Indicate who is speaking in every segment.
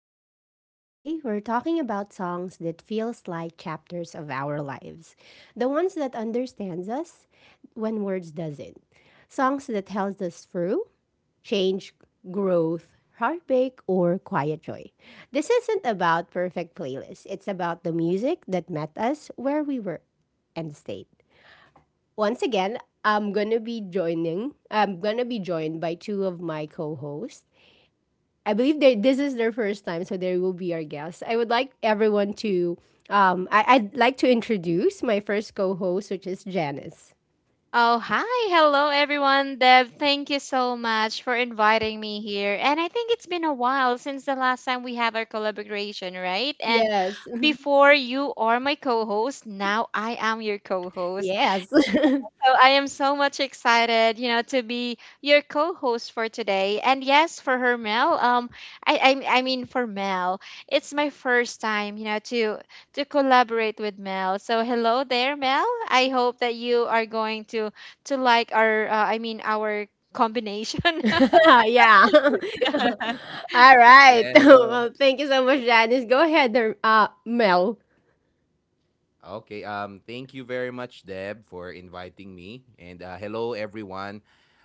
Speaker 1: Echo Lounge. Today, we're talking about songs that feels like chapters of our lives. The ones that understands us when words doesn't. Songs that helps us through change, growth, heartbreak, or quiet joy. This isn't about perfect playlists. It's about the music that met us where we were and stayed. Once again, I'm gonna be joining. I'm gonna be joined by two of my co-hosts. I believe they this is their first time, so they will be our guests. I would like everyone to I'd like to introduce my first co-host, which is Janice.
Speaker 2: Oh, hi. Hello, everyone. Deb, thank you so much for inviting me here. And I think it's been a while since the last time we have our collaboration, right? And
Speaker 1: Yes.
Speaker 2: before you are my co host, now I am your co host.
Speaker 1: Yes.
Speaker 2: So I am so much excited, you know, to be your co-host for today. And yes, for her Mel, I, I mean for Mel, it's my first time, you know, to collaborate with Mel. So hello there, Mel. I hope that you are going to like our, I mean our combination.
Speaker 1: Yeah. All right.
Speaker 3: Yeah, hello.
Speaker 1: Well, thank you so much, Janice. Go ahead, Mel.
Speaker 3: Okay, thank you very much, Deb, for inviting me, and hello everyone.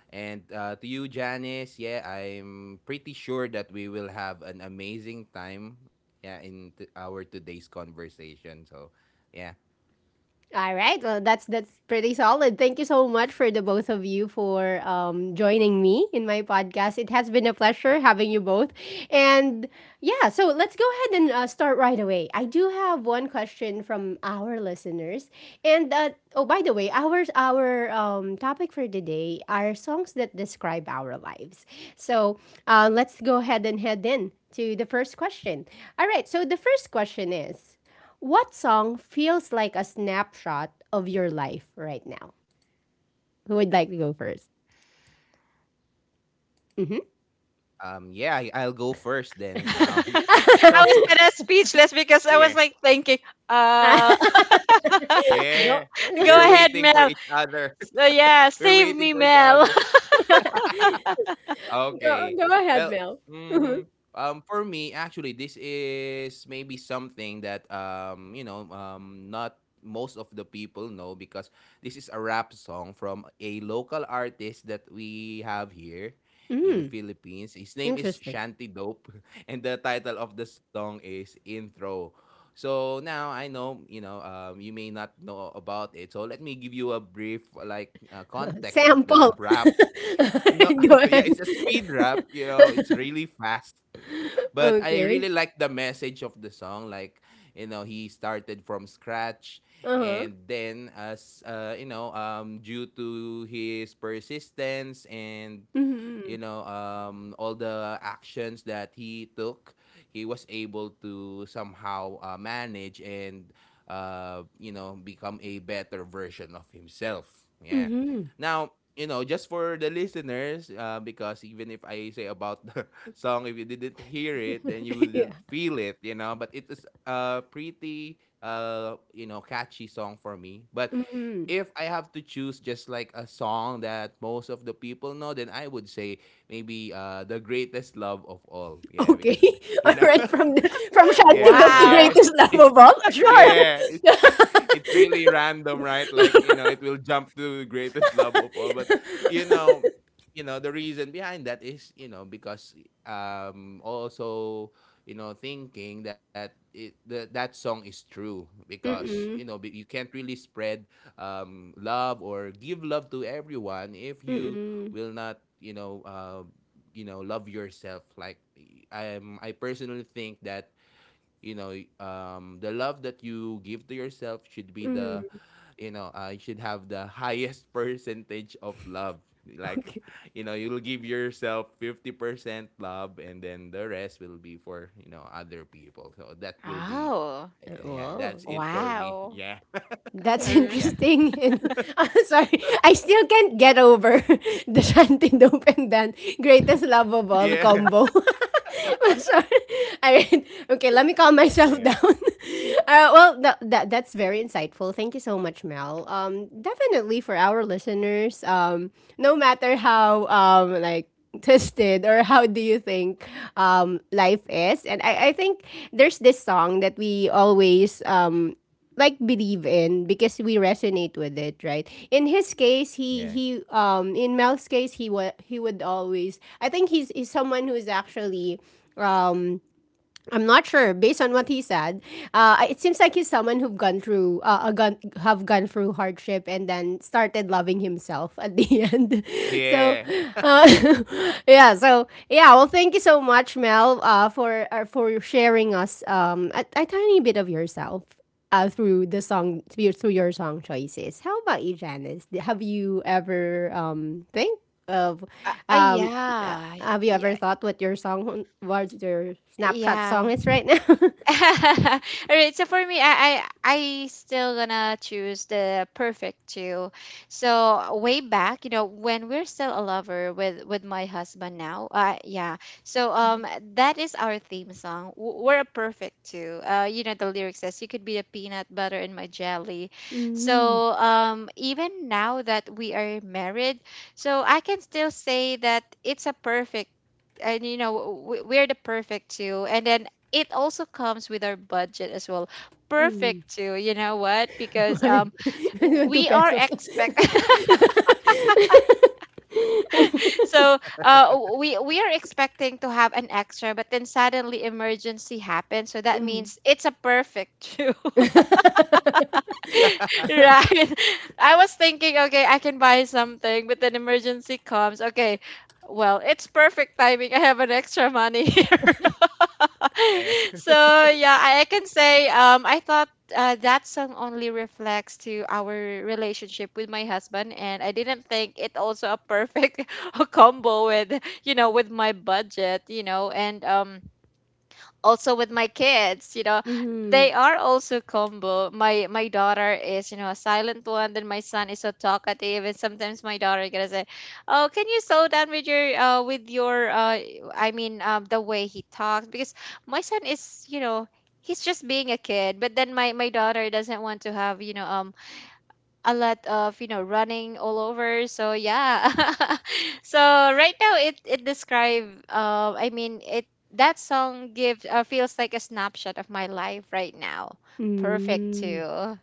Speaker 3: And to you, Janice, yeah, I'm pretty sure that we will have an amazing time, yeah, in our today's conversation. So, yeah.
Speaker 1: All right. Well, that's pretty solid. Thank you so much for the both of you for joining me in my podcast. It has been a pleasure having you both. And yeah, so let's go ahead and start right away. I do have one question from our listeners. And oh, by the way, our topic for today are songs that describe our lives. So let's go ahead and head in to the first question. All right. So the first question is. What song feels like a snapshot of your life right now? Who would like to go first? hmm
Speaker 3: Yeah, I'll go first then.
Speaker 2: I
Speaker 3: So
Speaker 2: was kind of speechless because I was
Speaker 3: yeah.
Speaker 2: like thinking, uh,
Speaker 1: go,
Speaker 3: Yeah.
Speaker 2: go
Speaker 3: We're
Speaker 2: ahead,
Speaker 3: waiting for
Speaker 2: Mel.
Speaker 3: each other.
Speaker 2: So yeah,
Speaker 3: We're
Speaker 2: save
Speaker 3: waiting
Speaker 2: me,
Speaker 3: for each
Speaker 2: Mel.
Speaker 3: other. Okay.
Speaker 1: go ahead,
Speaker 3: Well,
Speaker 1: Mel. Mhm.
Speaker 3: mm, for me, actually, this is maybe something that you know, not most of the people know because this is a rap song from a local artist that we have here in the
Speaker 1: Mm,
Speaker 3: Philippines. His name is
Speaker 1: interesting.
Speaker 3: Shanty Dope, and the title of the song is Intro. So now I know, you may not know about it. So let me give you a brief like context of
Speaker 1: Sample.
Speaker 3: the rap. No,
Speaker 1: Go
Speaker 3: yeah,
Speaker 1: ahead.
Speaker 3: it's a speed rap, you know, it's really fast. Yeah. But I
Speaker 1: Okay.
Speaker 3: really like the message of the song. Like, you know, he started from scratch,
Speaker 1: Uh huh.
Speaker 3: and then as you know, due to his persistence and, you
Speaker 1: Mm-hmm.
Speaker 3: know, all the actions that he took, he was able to somehow manage and, you know, become a better version of himself. Yeah.
Speaker 1: Mm-hmm.
Speaker 3: Now, you know, just for the listeners, because even if I say about the song, if you didn't hear it, then you
Speaker 1: Yeah.
Speaker 3: wouldn't feel it, you know. But it is a pretty, you know, catchy song for me. But
Speaker 1: Mm-hmm.
Speaker 3: if I have to choose just like a song that most of the people know, then I would say maybe The Greatest Love of All. Yeah,
Speaker 1: Okay.
Speaker 3: because, you
Speaker 1: All
Speaker 3: know,
Speaker 1: right. From the, from Shanty
Speaker 3: yeah,
Speaker 1: Dove
Speaker 3: so
Speaker 1: to
Speaker 2: Wow.
Speaker 3: yeah,
Speaker 1: Greatest Love
Speaker 3: it's
Speaker 1: of All. Sure.
Speaker 3: yeah, it's really random, right? Like, you know, it will jump to The Greatest Love of All. But, you know, the reason behind that is, you know, because also, you know, thinking that that song is true because, you know,
Speaker 1: Mm-mm.
Speaker 3: you can't really spread love or give love to everyone if
Speaker 1: 嗯
Speaker 3: you
Speaker 1: 嗯
Speaker 3: will not, you know, you know love yourself. Like, I personally think that, you know, the love that you give to yourself should be the,
Speaker 1: 嗯
Speaker 3: you know, you should have the highest percentage of love. Like,
Speaker 1: o k a y
Speaker 3: you know, you'll give yourself 50% love and then the rest will be for, you know, other people, so that will be.
Speaker 2: Oh,
Speaker 3: Yeah, yeah,
Speaker 1: wow.
Speaker 3: that's it for me,
Speaker 2: wow.
Speaker 3: yeah.
Speaker 1: That's
Speaker 2: Her-
Speaker 3: Yeah,
Speaker 1: interesting. And I sorry, I still can't get over the Shantindope and Dan greatest love of all
Speaker 3: yeah.
Speaker 1: combo. I'm sorry. All right. Okay, let me calm myself
Speaker 3: Yeah,
Speaker 1: down. Well, that's very insightful. Thank you so much, Mel. Definitely for our listeners, no matter how like twisted or how do you think life is, and I think there's this song that we always like believe in because we resonate with it, right? In his case,
Speaker 3: yeah,
Speaker 1: he in Mel's case, he would always. I think he's someone who's actually um I'm not sure based on what he said. It seems like he's someone who've gone through have gone through hardship and then started loving himself at the end. So
Speaker 3: yeah.
Speaker 1: uh, yeah, so yeah, well, thank you so much, Mel, for sharing us a tiny bit of yourself through the song, through your song choices. How about you, Janice? Have you ever think of um
Speaker 2: Yeah,
Speaker 1: have you
Speaker 2: yeah,
Speaker 1: ever thought what your song, what your Snapchat
Speaker 2: yeah.
Speaker 1: song is right now?
Speaker 2: All right, so for me, I still gonna choose the perfect two. So way back, you know, when we're still a lover with my husband now, yeah. So that is our theme song. We're a perfect two. You know, the lyric says, "You could be the peanut butter in my jelly."
Speaker 1: mm
Speaker 2: So even now that we are married, so I can still say that it's a perfect and you know we're the perfect two and then it also comes with our budget as well.
Speaker 1: Mm.
Speaker 2: Perfect too, you know what? Because
Speaker 1: Why? Two
Speaker 2: we are
Speaker 1: pesos.
Speaker 2: expect so uh we are expecting to have an extra, but then suddenly emergency happens. So that
Speaker 1: Mm.
Speaker 2: means it's a perfect too. Right? I was thinking, okay, I can buy something, but then emergency comes. Okay, well, it's perfect timing. I have an extra money here.
Speaker 3: Yeah,
Speaker 2: So yeah, I can say I thought that song only reflects to our relationship with my husband, and I didn't think it also a perfect combo with you know with my budget, you know, and also with my kids you know
Speaker 1: Mm-hmm.
Speaker 2: they are also combo my daughter is you know a silent one then my son is so talkative and sometimes my daughter gonna say oh can you slow down with your the way he talks because my son is you know he's just being a kid but then my daughter doesn't want to have you know a lot of you know running all over so yeah so right now it describe it that song gives feels like a snapshot of my life right now perfect
Speaker 1: Mm.
Speaker 2: too.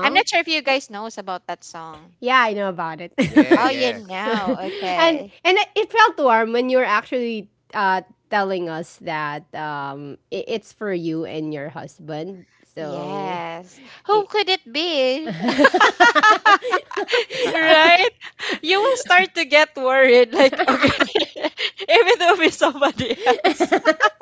Speaker 2: I'm not sure if you guys knows about that song.
Speaker 1: Yeah, I know about it.
Speaker 3: yeah,
Speaker 2: Oh you
Speaker 3: yeah.
Speaker 1: and
Speaker 2: know
Speaker 1: and
Speaker 2: okay
Speaker 1: it felt warm when you were actually uh, telling us that I it's for you and your husband. So.
Speaker 2: yes who
Speaker 1: i-
Speaker 2: could it be. Right, you will start to get worried like okay if it will be somebody else.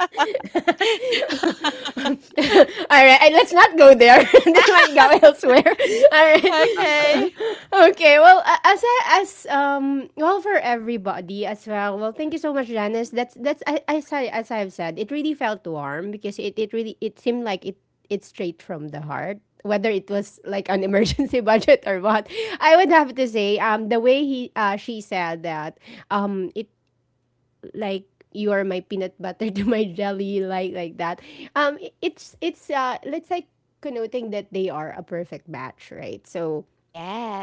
Speaker 1: All right, let's not go there. This might go elsewhere. All right.
Speaker 2: Okay.
Speaker 1: Okay. Well, a- as I- as well, for everybody as well. Well, thank you so much, Janice. That's I, as I, as I've said, it really felt warm because it really, it seemed like it's straight from the heart. Whether it was like an emergency budget or what, I would have to say the way he she said that it like you are my peanut butter to my jelly, like that, it's let's say connoting that they are a perfect match, right? So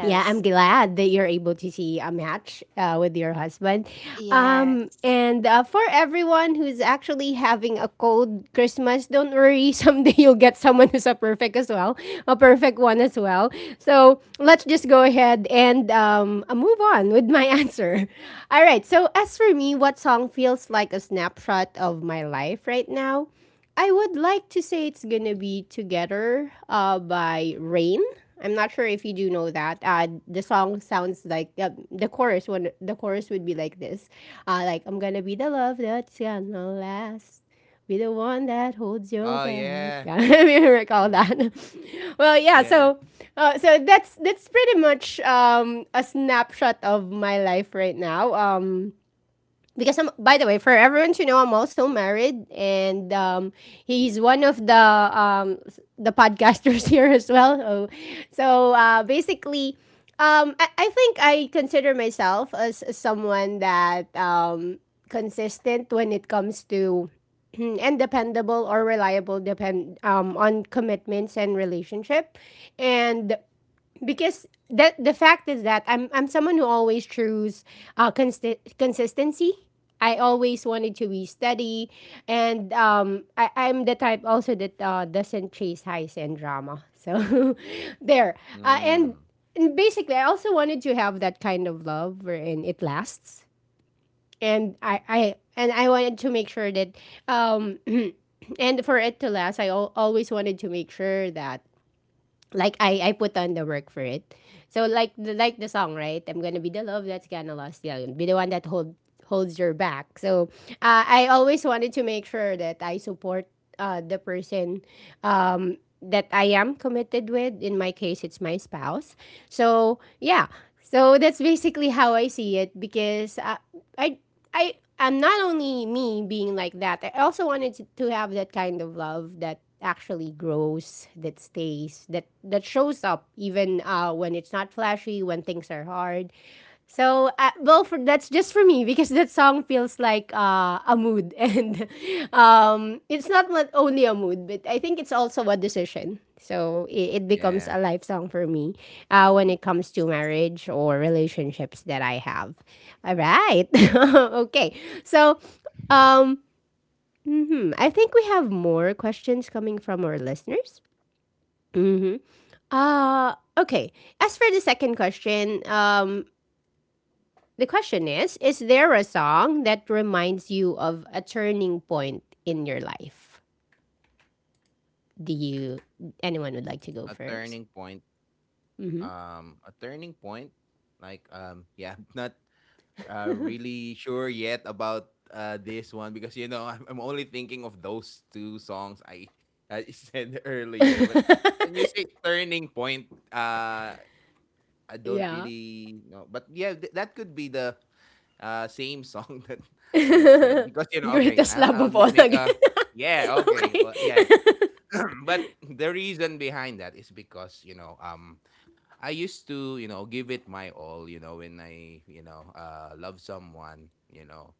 Speaker 1: yeah, I'm glad that you're able to see a match with your husband.
Speaker 2: Yes.
Speaker 1: And for everyone who's actually having a cold Christmas, don't worry. Someday you'll get someone who's a perfect as well, a perfect one as well. So let's just go ahead and move on with my answer. All right. So, as for me, what song feels like a snapshot of my life right now? I would like to say it's gonna be Together by Rain. I'm not sure if you do know that. The song sounds like the chorus. When the chorus would be like this, like I'm gonna be the love that's gonna last, be the one that holds
Speaker 3: Oh,
Speaker 1: your
Speaker 3: yeah.
Speaker 1: back. I mean,
Speaker 3: Mm.
Speaker 1: recall that. Well,
Speaker 3: Yeah.
Speaker 1: yeah. So, so that's pretty much a snapshot of my life right now. Because I'm, by the way, for everyone to know, I'm also married, and he's one of the the podcasters here as well. So, so basically, I think I consider myself as someone that consistent when it comes to and dependable or reliable depend on commitments and relationship, and because that the fact is that I'm someone who always choose consistency. I always wanted to be steady, and I'm the type also that doesn't chase highs and drama. So there, uh, and,
Speaker 3: Mm.
Speaker 1: and basically, I also wanted to have that kind of love wherein it lasts, and I wanted to make sure that um, and for it to last, always wanted to make sure that I put on the work for it. So like the song, right? I'm gonna be the love that's gonna last. Yeah, be the one that holds your back. So I always wanted to make sure that I support the person that I am committed with. In my case, it's my spouse. So yeah. So that's basically how I see it because I I am not only me being like that. I also wanted to have that kind of love that actually grows, that stays, that that shows up even when it's not flashy, when things are hard. So, well, for that's just for me because that song feels like a mood, and it's not only a mood, but I think it's also a decision. So it becomes
Speaker 3: Yeah.
Speaker 1: a life song for me
Speaker 2: y-
Speaker 1: when it comes to marriage or relationships that I have. All right, okay. So, um, mhm, I think we have more questions coming from our listeners. Mm-hmm. Okay. As for the second question, the question is there a song that reminds you of a turning point in your life? Do you, anyone would like to go
Speaker 3: A
Speaker 1: first?
Speaker 3: turning point.
Speaker 1: Mm-hmm.
Speaker 3: A turning point. Like, yeah, not really sure yet about this one because, you know, I'm only thinking of those two songs I said earlier, but when you say turning point, I don't
Speaker 1: Yeah.
Speaker 3: really know, but yeah, that could be the same song that I said. Because, you know, okay,
Speaker 1: Greatest
Speaker 3: I'll
Speaker 1: love
Speaker 3: I'll
Speaker 1: of all
Speaker 3: make
Speaker 1: again.
Speaker 3: a. Yeah, okay,
Speaker 1: Okay.
Speaker 3: yeah. But the reason behind that is because, you know, I used to, you know, give it my all, you know, when I, you know, love someone, you know.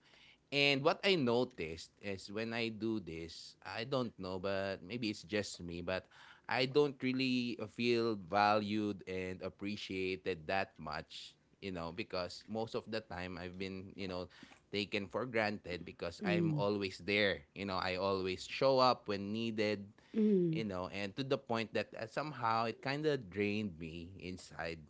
Speaker 3: And what I noticed is when I do this, I don't know, but maybe it's just me, but I don't really feel valued and appreciated that much, you know, because most of the time I've been, you know, taken for granted because I'm always there. You know, I always show up when needed,
Speaker 1: Mm,
Speaker 3: you know, and to the point that, somehow it kind of drained me inside.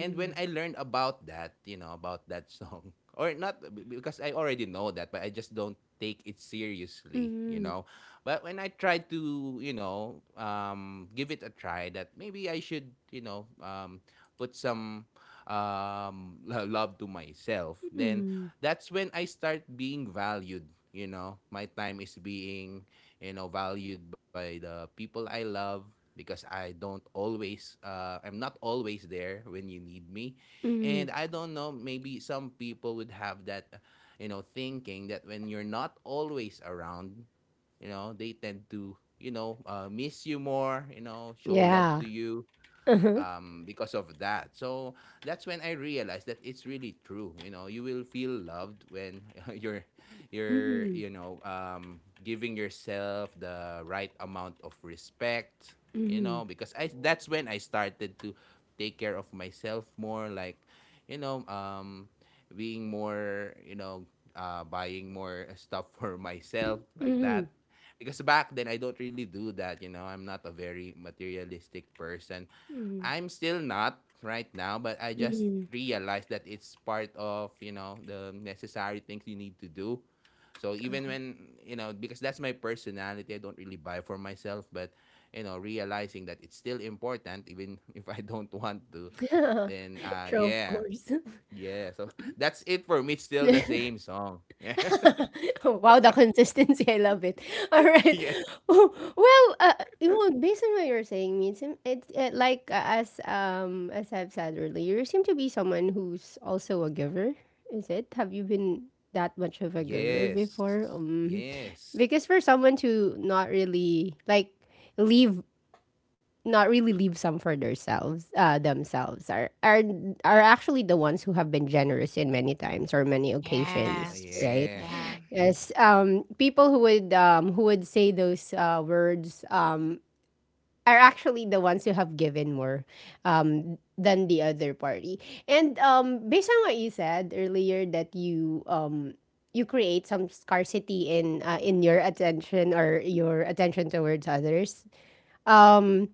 Speaker 3: And when I learned about that, you know, about that song, or not because I already know that, but I just don't take it seriously, you
Speaker 1: mm,
Speaker 3: know. But when I tried to, you know, give it a try, that maybe I should, you know, put some love to myself, then
Speaker 1: mm,
Speaker 3: that's when I start being valued. You know, my time is being, you know, valued by the people I love because I'm not always there when you need me.
Speaker 1: mm.
Speaker 3: And I don't know, maybe some people would have that, you know, thinking that when you're not always around, you know, they tend to, you know, miss you more, you know, show love
Speaker 1: Yeah.
Speaker 3: to you,
Speaker 1: Uh-huh.
Speaker 3: because of that. So that's when I realized that it's really true. You know, you will feel loved when you're you're
Speaker 1: Mm-hmm.
Speaker 3: you know giving yourself the right amount of respect. You
Speaker 1: Mm-hmm.
Speaker 3: know, because I that's when I started to take care of myself more. Like, you know, being more, you know, buying more stuff for myself, like
Speaker 1: Mm-hmm.
Speaker 3: that, because back then I don't really do that. You know, I'm not a very materialistic person.
Speaker 1: Mm-hmm.
Speaker 3: I'm still not right now, but I just
Speaker 1: Mm-hmm.
Speaker 3: realized that it's part of, you know, the necessary things you need to do. So even when, you know, because that's my personality, I don't really buy for myself, but, you know, realizing that it's still important even if I don't want to,
Speaker 1: Uh-huh.
Speaker 3: then
Speaker 1: True, of
Speaker 3: yeah.
Speaker 1: course.
Speaker 3: Yeah. So that's it for me. It's still the same song.
Speaker 1: Wow, the consistency. I love it. All right.
Speaker 3: Yeah.
Speaker 1: Well, you know, based on what you're saying, it like as I've said earlier, you seem to be someone who's also a giver. Is it? Have you been that much of a
Speaker 3: Yeah.
Speaker 1: giver before?
Speaker 3: Yes. Yes.
Speaker 1: Because for someone to not really like leave, not really leave some for themselves, themselves are are actually the ones who have been generous in many times or many occasions,
Speaker 2: Yes.
Speaker 1: right?
Speaker 3: Yeah.
Speaker 2: Yeah.
Speaker 1: Yes. People who would say those words are actually the ones who have given more than the other party. And based on what you said earlier that you you create some scarcity in your attention or your attention towards others. um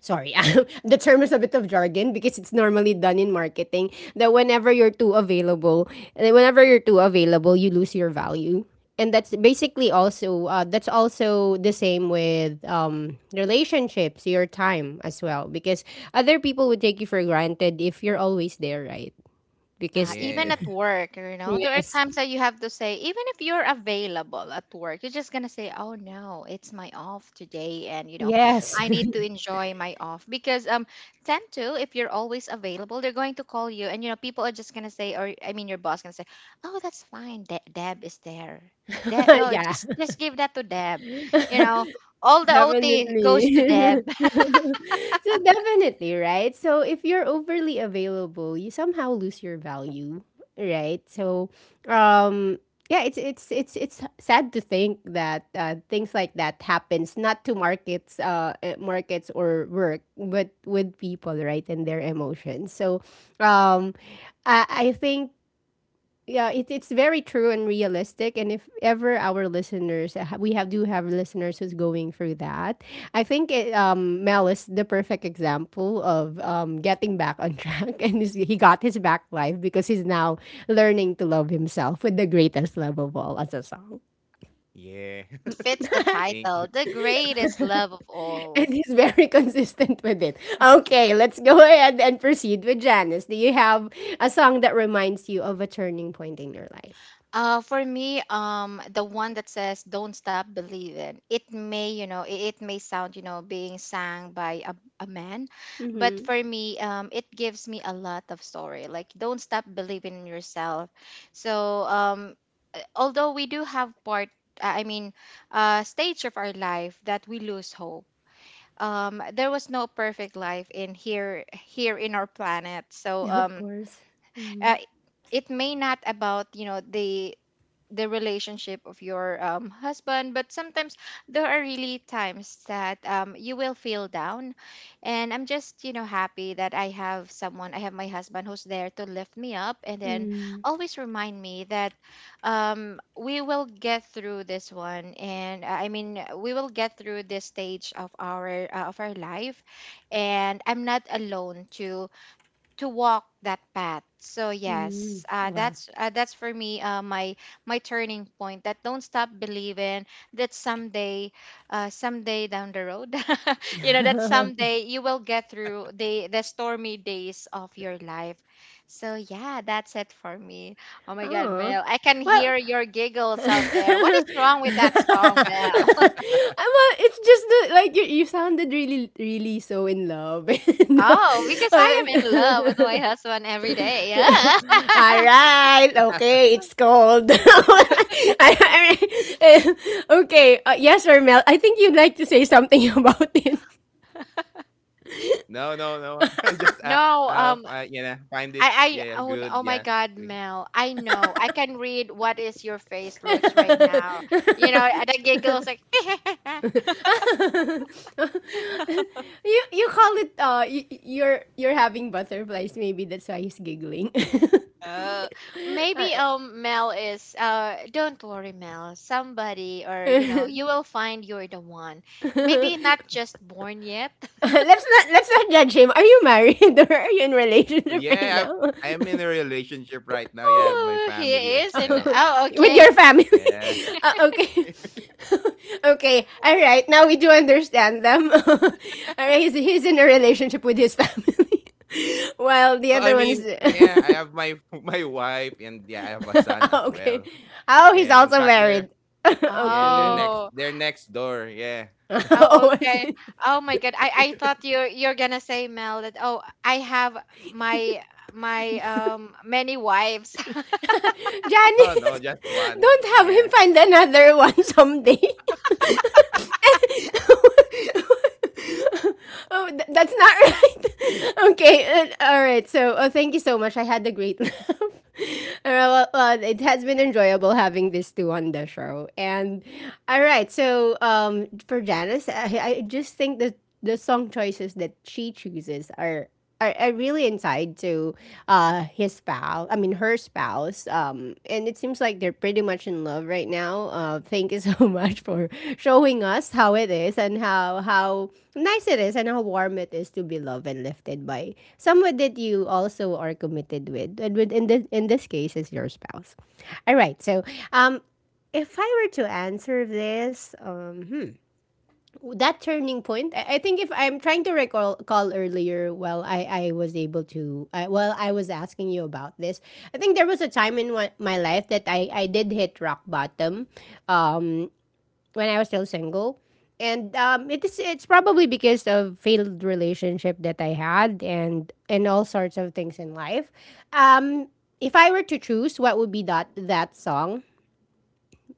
Speaker 1: Sorry, the term is a bit of jargon because it's normally done in marketing that whenever you're too available, you lose your value. And that's basically
Speaker 3: Yeah.
Speaker 1: also that's also the same with relationships, your time as well, because other people would take you for granted if you're always there, right?
Speaker 2: Yeah.
Speaker 1: Because
Speaker 2: Even
Speaker 3: Yeah.
Speaker 2: at work, you know, there are
Speaker 1: yes,
Speaker 2: times that you have to say, even if you're available at work, you're just going to say, oh no, it's my off today. And, you know,
Speaker 1: yes,
Speaker 2: I need to enjoy my off because, tend to, if you're always available, they're going to call you. And, you know, people are just going to say, or I mean, your boss going to say, oh, that's fine. Deb is there. Deb, oh,
Speaker 1: yeah.
Speaker 2: just give that to Deb.
Speaker 3: Yeah.
Speaker 2: You know, all the OT goes to Deb.
Speaker 1: Definitely. So definitely, right? So if you're overly available, you somehow lose your value, right? So um yeah, it's sad to think that things like that happens not to markets markets or work, but with people, right, and their emotions. So um I I think yeah, it's very true and realistic. And if ever our listeners we have do have listeners who's going through that, I think mel is the perfect example of getting back on track. And he got his back life because he's now learning to love himself with the greatest love of all as a song.
Speaker 3: Yeah.
Speaker 2: It fits the
Speaker 3: Thank.
Speaker 2: title, The Greatest Love of
Speaker 1: And
Speaker 2: All.
Speaker 1: he's very consistent with it. Okay, let's go ahead and proceed with janice. Do you have a song that reminds you of a turning point in your life?
Speaker 2: For me, the one that says "Don't stop believing," it may, you know, it may sound, you know, being sang by a man, but
Speaker 1: Mm-hmm.
Speaker 2: for me, it gives me a lot of story. Like, don't stop believing in yourself. So, although we do have part, I mean, stage of our life that we lose hope. There was no perfect life in here, here in our planet. So,
Speaker 1: Of course.
Speaker 2: uh, it may not about you know the relationship of your husband but sometimes there are really times that you will feel down and I'm just you know happy that I have someone, I have my husband who's there to lift me up and then always remind me that we will get through this one and we will get through this stage of our of our life and I'm not alone to walk that path. So yes,
Speaker 1: Wow.
Speaker 2: that's for me my my turning point. That don't stop believing that someday, someday down the road, you know that someday you will get through the stormy days of your life. So yeah, that's it for me. Oh my God,
Speaker 1: Oh.
Speaker 2: Mel, I can
Speaker 1: Well,
Speaker 2: hear your giggles out there. What
Speaker 1: well,
Speaker 2: is wrong with that song, Mel?
Speaker 1: it's just like you sounded really really so in love.
Speaker 2: Oh, because I
Speaker 1: And,
Speaker 2: am in love
Speaker 1: uh,
Speaker 2: with my husband every day.
Speaker 1: all
Speaker 2: Yeah.
Speaker 1: right. Okay, it's cold. I- I- eh, okay, yes or Mel, I think you'd like to say something about it.
Speaker 3: No, no, no. I just,
Speaker 2: No,
Speaker 3: I'll you know, find it,
Speaker 2: I
Speaker 3: yeah,
Speaker 2: own
Speaker 3: good,
Speaker 2: oh my
Speaker 3: yeah.
Speaker 2: God,
Speaker 3: Doing,
Speaker 2: Mel. I know. I can read what is your face looks right now. You know, and the giggles like
Speaker 1: You call it you're having butterflies. Maybe that's why he's giggling.
Speaker 2: oh. Maybe
Speaker 1: Uh,
Speaker 2: Mel is don't worry, Mel. Somebody or you know, you will find you're the one. Maybe not just born yet.
Speaker 1: let's not judge him. Are you married or are you in relationship right
Speaker 3: yeah,
Speaker 1: now?
Speaker 3: I'm in a relationship right now, yeah, my
Speaker 2: Oh, he
Speaker 3: family as
Speaker 2: is and
Speaker 1: Oh,
Speaker 3: well,
Speaker 2: oh
Speaker 1: with
Speaker 2: okay.
Speaker 1: your family?
Speaker 3: yeah.
Speaker 1: Okay. Okay, all right. Now we do understand them. All right. He's in a relationship with his family, while the
Speaker 3: Oh,
Speaker 1: other
Speaker 3: I
Speaker 1: one is.
Speaker 3: mean, yeah, I have my my wife, and yeah, I have a son
Speaker 1: Oh,
Speaker 3: as
Speaker 1: okay.
Speaker 3: well.
Speaker 1: Oh, he's
Speaker 3: Yeah,
Speaker 1: also
Speaker 3: in fact,
Speaker 1: married.
Speaker 3: they're yeah,
Speaker 1: Okay.
Speaker 3: they're
Speaker 2: Oh.
Speaker 3: next they're next door. Yeah. So
Speaker 2: Oh,
Speaker 1: Oh, I
Speaker 2: okay.
Speaker 1: see.
Speaker 2: Oh my God. I thought you're gonna say Mel that oh I have my many wives.
Speaker 3: oh,
Speaker 1: Janice,
Speaker 3: no, just
Speaker 1: don't
Speaker 3: one.
Speaker 1: have him
Speaker 3: Yeah.
Speaker 1: find another one someday. Oh, that's not right. Okay, all right. So, oh, thank you so much. I had a great laugh. All right, well, it has been enjoyable having these two on the show. And all right, so for Janice, I just think that the song choices that she chooses are are really inside to his spouse. I mean, her spouse. And it seems like they're pretty much in love right now. Thank you so much for showing us how it is and how nice it is and how warm it is to be loved and lifted by someone that you also are committed with. And with in this case, is your spouse. All right. So, um, if I were to answer this, hmm, that turning point I think if I'm trying to recall call earlier. Well i was able to well I was asking you about this. I think there was a time in my life that i did hit rock bottom, um, when I was still single. And um, it is it's probably because of failed relationship that I had, and all sorts of things in life, um, if I were to choose what would be that song,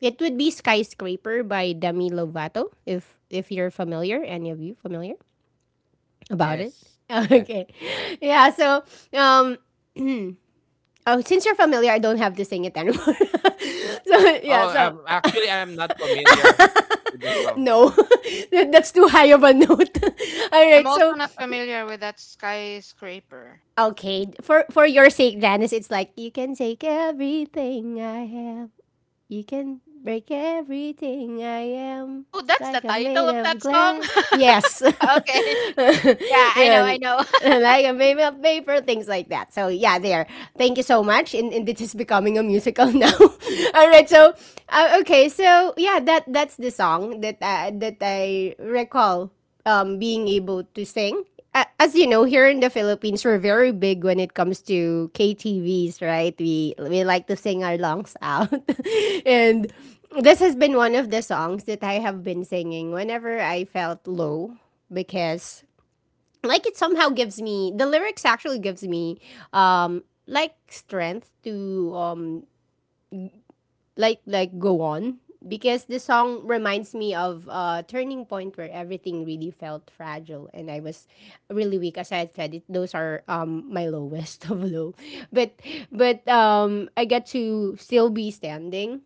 Speaker 1: it would be Skyscraper by Demi Lovato, if you're familiar, any of you familiar about it.
Speaker 3: Yes. Yeah.
Speaker 1: Okay. Yeah, so um, oh since you're familiar, I don't have to sing it anymore. So yeah,
Speaker 3: Oh,
Speaker 1: so
Speaker 3: I'm actually, I'm not familiar with the song.
Speaker 1: no. That's too high of a note. All
Speaker 2: I'm
Speaker 1: right,
Speaker 2: also
Speaker 1: so
Speaker 2: not familiar with that skyscraper.
Speaker 1: okay, for your sake, Janice, it's like you can take everything I have. You can break everything I am,
Speaker 2: Oh, that's the
Speaker 1: like I'm made
Speaker 2: title of
Speaker 1: of
Speaker 2: that song.
Speaker 1: glass. Yes.
Speaker 2: Okay. Yeah, I know, I
Speaker 1: and,
Speaker 2: know.
Speaker 1: and like I'm made of paper, things like that. So yeah, there. Thank you so much. And this is becoming a musical now. All right. So okay. So yeah, that that's the song that that I recall being able to sing as you know, here in the Philippines, we're very big when it comes to KTVs, right? We like to sing our lungs out, and this has been one of the songs that I have been singing whenever I felt low because like it somehow gives me the lyrics actually gives me like strength to like go on because the song reminds me of a turning point where everything really felt fragile and I was really weak. As I had said, those are my lowest of low, but but I got to still be standing.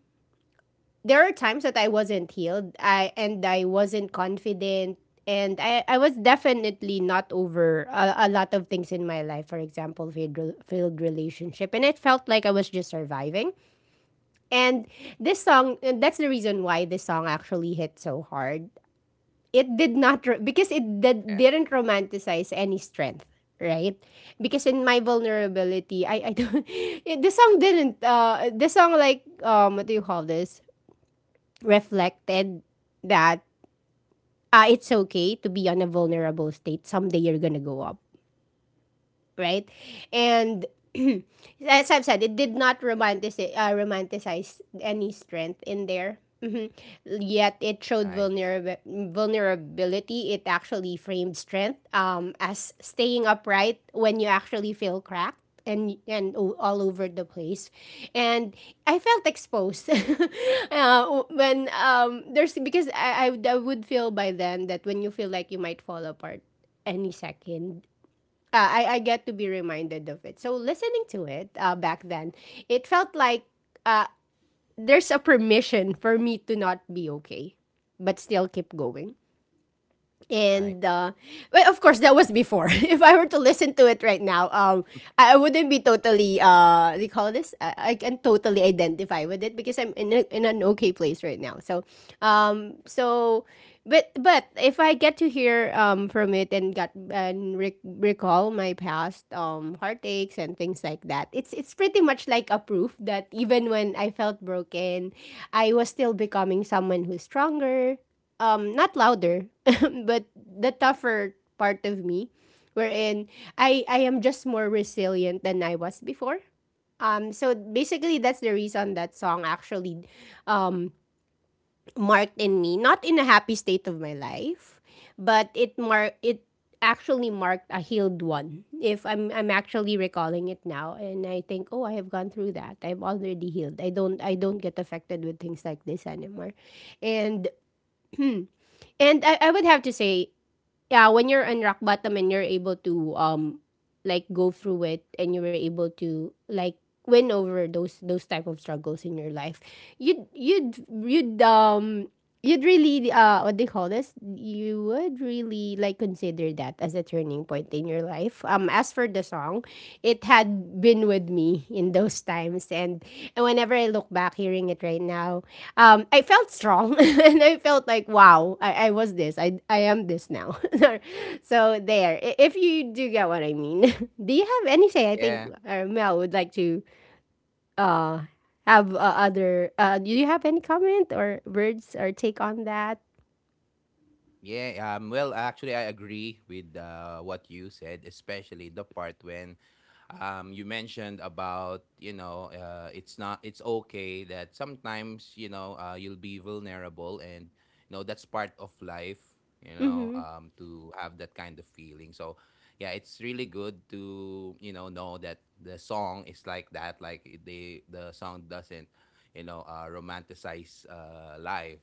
Speaker 1: There are times that I wasn't healed, I and I wasn't confident. And I was definitely not over a lot of things in my life, for example, failed relationship. And it felt like I was just surviving. And this song, and that's the reason why this song actually hit so hard. It did not, because it
Speaker 3: Yeah.
Speaker 1: didn't romanticize any strength, right? Because in my vulnerability, I don't, it, The song didn't, the song like, what do you call this? Reflected that it's okay to be on a vulnerable state. Someday you're gonna go up. Right? And as I've said, it did not romanticize, romanticize any strength in there. Mhm. Yet it showed
Speaker 3: Nice.
Speaker 1: vulnerability. It actually framed strength as staying upright when you actually feel cracked and all over the place. And I felt exposed when there's because I would feel by then that when you feel like you might fall apart any second I get to be reminded of it. So listening to it back then, it felt like uh, there's a permission for me to not be okay, but still keep going. And
Speaker 3: Nice.
Speaker 1: well, of course that was before. If I were to listen to it right now I wouldn't be totally uh, what do you call this? I can totally identify with it because I'm in an okay place right now. So um, so but if I get to hear from it and recall my past heartaches and things like that, it's pretty much like a proof that even when I felt broken, I was still becoming someone who's stronger, um, not louder. But the tougher part of me wherein I am just more resilient than I was before. Um, so basically that's the reason that song actually um marked in me not in a happy state of my life but it mark it actually marked a healed one. If I'm I'm actually recalling it now and I think, oh, I have gone through that. I have already healed. I don't get affected with things like this anymore. And and I would have to say, yeah, when you're on rock bottom and you're able to like go through it, and you were able to like win over those type of struggles in your life, you'd you'd really uh, what they call this, you would really like consider that as a turning point in your life um, as for the song, it had been with me in those times. And whenever I look back hearing it right now, um, I felt strong and I felt like wow, I was this, I am this now. So if you do get what I mean. Do you have anything? I think
Speaker 3: Yeah.
Speaker 1: Mel would like to uh have other uh, do you have any comment or words or take on that?
Speaker 3: Yeah, well, actually, I agree with what you said, especially the part when, you mentioned about, you know, it's not it's okay that sometimes, you know, you'll be vulnerable, and, you know, that's part of life, you know,
Speaker 1: Mm-hmm.
Speaker 3: to have that kind of feeling. So yeah, it's really good to, you know that the song is like that, like the song doesn't, you know, romanticize, life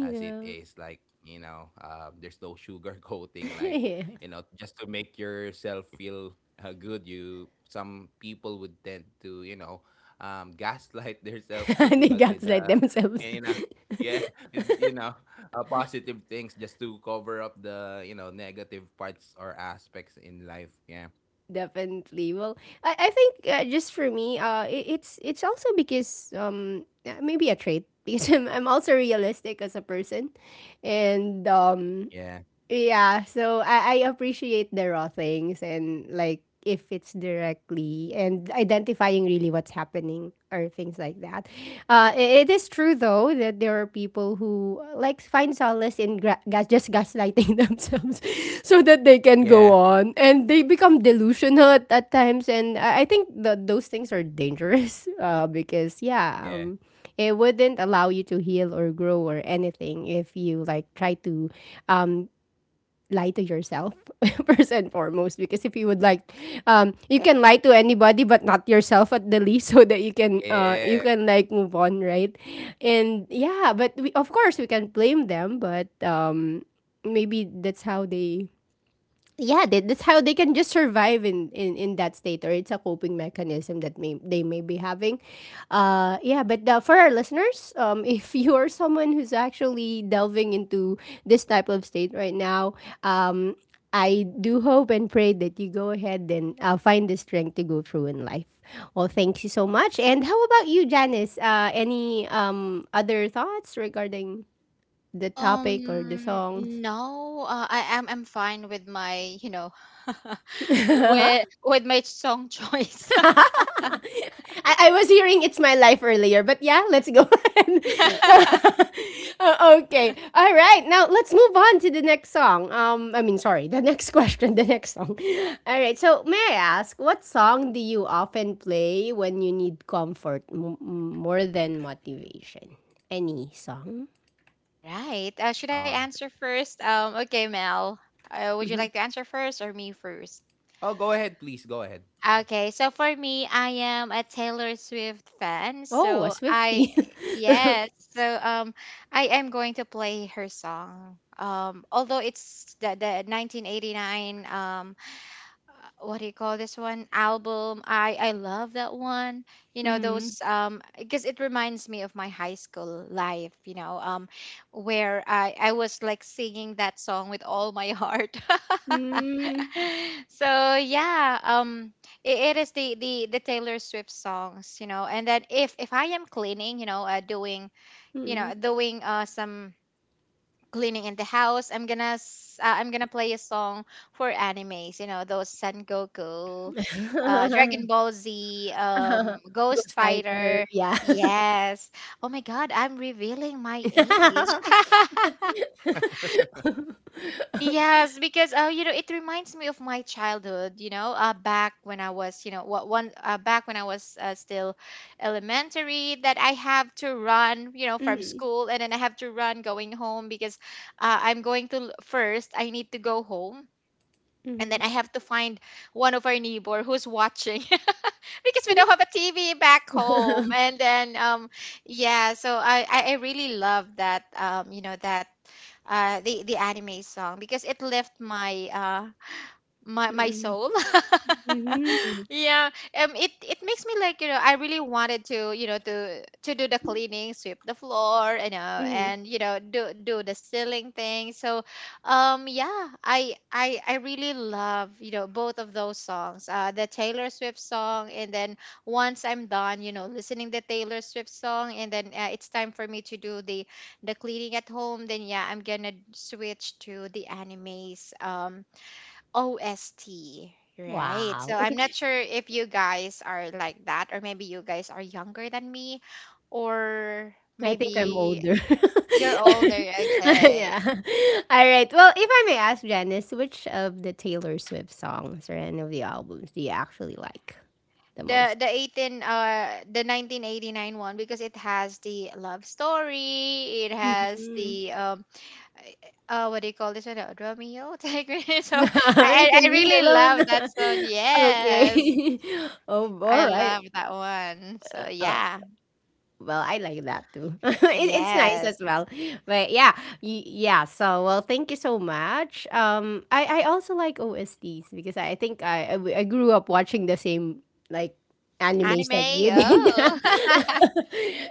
Speaker 3: as it is. Like, you know, there's no sugar coating, like,
Speaker 1: Yeah,
Speaker 3: you know, just to make yourself feel good. You Some people would tend to, you know, gaslight themselves with,
Speaker 1: they
Speaker 3: but with
Speaker 1: gaslight themselves.
Speaker 3: you know yeah with, you know, positive things just to cover up the, you know, negative parts or aspects in life. Yeah,
Speaker 1: Definitely. Well, I think just for me uh, it's also because maybe a trait because I'm also realistic as a person and um,
Speaker 3: yeah,
Speaker 1: yeah, so I appreciate the raw things, and like if it's directly and identifying really what's happening or things like that. It is true though that there are people who like find solace in just gaslighting themselves so that they can
Speaker 3: yeah,
Speaker 1: go on, and they become delusional at times. And I think that those things are dangerous. Uh, because, yeah,
Speaker 3: yeah,
Speaker 1: it wouldn't allow you to heal or grow or anything if you like try to um lie to yourself first and foremost because if you would like um, you can lie to anybody but not yourself at the least. So that you can uh,
Speaker 3: yeah.
Speaker 1: you can like move on, right? And yeah, but we of course we can blame them, but maybe that's how they yeah that's how they can just survive in that state, or it's a coping mechanism that may they may be having. Uh yeah, but for our listeners um, if you are someone who's actually delving into this type of state right now, um, I do hope and pray that you go ahead and find the strength to go through in life. Well, thank you so much. And how about you, Janice? Any other thoughts regarding the topic or the songs?
Speaker 2: No, I am I'm fine with my, you know, with my song choice.
Speaker 1: I was hearing it's my life earlier, but yeah, let's go ahead. Okay. All right. Now let's move on to the next song. I mean, sorry, the next question, the next song. All right. So may I ask, what song do you often play when you need comfort more than motivation? Any song?
Speaker 2: Right. Should I
Speaker 3: uh,
Speaker 2: answer first? Okay, Mel. Would you like to answer first or me first?
Speaker 3: oh, go ahead, please, go ahead. Yeah.
Speaker 2: Okay, so for me, I am a Taylor Swift fan.
Speaker 1: Oh, a
Speaker 2: So I,
Speaker 1: Swifty.
Speaker 2: yes, so I am going to play her song. Although it's the 1989 what do you call this one album, I love that one, you know
Speaker 1: Mm-hmm.
Speaker 2: those because it reminds me of my high school life you know where I was like singing that song with all my heart so yeah it, it is the the Taylor Swift songs you know and then if I am cleaning you know doing you
Speaker 1: Mm-hmm.
Speaker 2: know doing some cleaning in the house I'm gonna I'm gonna play a song for animes you know those Son Goku, Dragon Ball Z Ghost
Speaker 1: Ghost Fighter.
Speaker 2: Fighter.
Speaker 1: Yeah.
Speaker 2: Yes, oh my god I'm revealing my age. Yes, because you know, it reminds me of my childhood. You know, back when I was, you know, what one back when I was still elementary, that I have to run, you know, from
Speaker 1: Mhm,
Speaker 2: school, and then I have to run going home because I'm going to first. I need to go home, and then I
Speaker 1: mhm.
Speaker 2: have to find one of our neighbor who's watching because we don't have a TV back home. And then, yeah, so I I really love that, you know, that the anime song because it left my my my
Speaker 1: Mm,
Speaker 2: soul
Speaker 1: mhm,
Speaker 2: yeah it makes me like you know I really wanted to you know to do the cleaning, sweep the floor you know
Speaker 1: mhm.
Speaker 2: and you know do the ceiling thing so yeah I really love you know both of those songs the Taylor Swift song and then once I'm done you know listening the Taylor Swift song and then it's time for me to do the cleaning at home then yeah I'm gonna switch to the animes OST, right? So
Speaker 1: Wow,
Speaker 2: I'm
Speaker 1: okay,
Speaker 2: not sure if you guys are like that, or maybe you guys are younger than me, or
Speaker 1: I think I'm
Speaker 2: maybe
Speaker 1: older.
Speaker 2: you're older. Okay,
Speaker 1: Yeah. Alright, well, if I may ask, Janice, which of the Taylor Swift songs or any of the albums do you actually like the
Speaker 2: the
Speaker 1: most?
Speaker 2: the eighteen the 1989 one because it has the love story, it has
Speaker 1: Mm.
Speaker 2: the what do you call this one? Romeo, Tigre. So
Speaker 1: You
Speaker 2: I I
Speaker 1: can be
Speaker 2: really
Speaker 1: alone.
Speaker 2: love that song. Yes,
Speaker 1: Okay. Oh,
Speaker 2: I
Speaker 1: alright.
Speaker 2: love that one. So
Speaker 1: Uh,
Speaker 2: yeah.
Speaker 1: Well, I like that too. It's nice as
Speaker 2: Yes.
Speaker 1: well. But yeah, yeah. So well, thank you so much. I also like OSTs because I think I grew up watching the same like animes like
Speaker 2: Anime,
Speaker 1: you did.
Speaker 2: oh.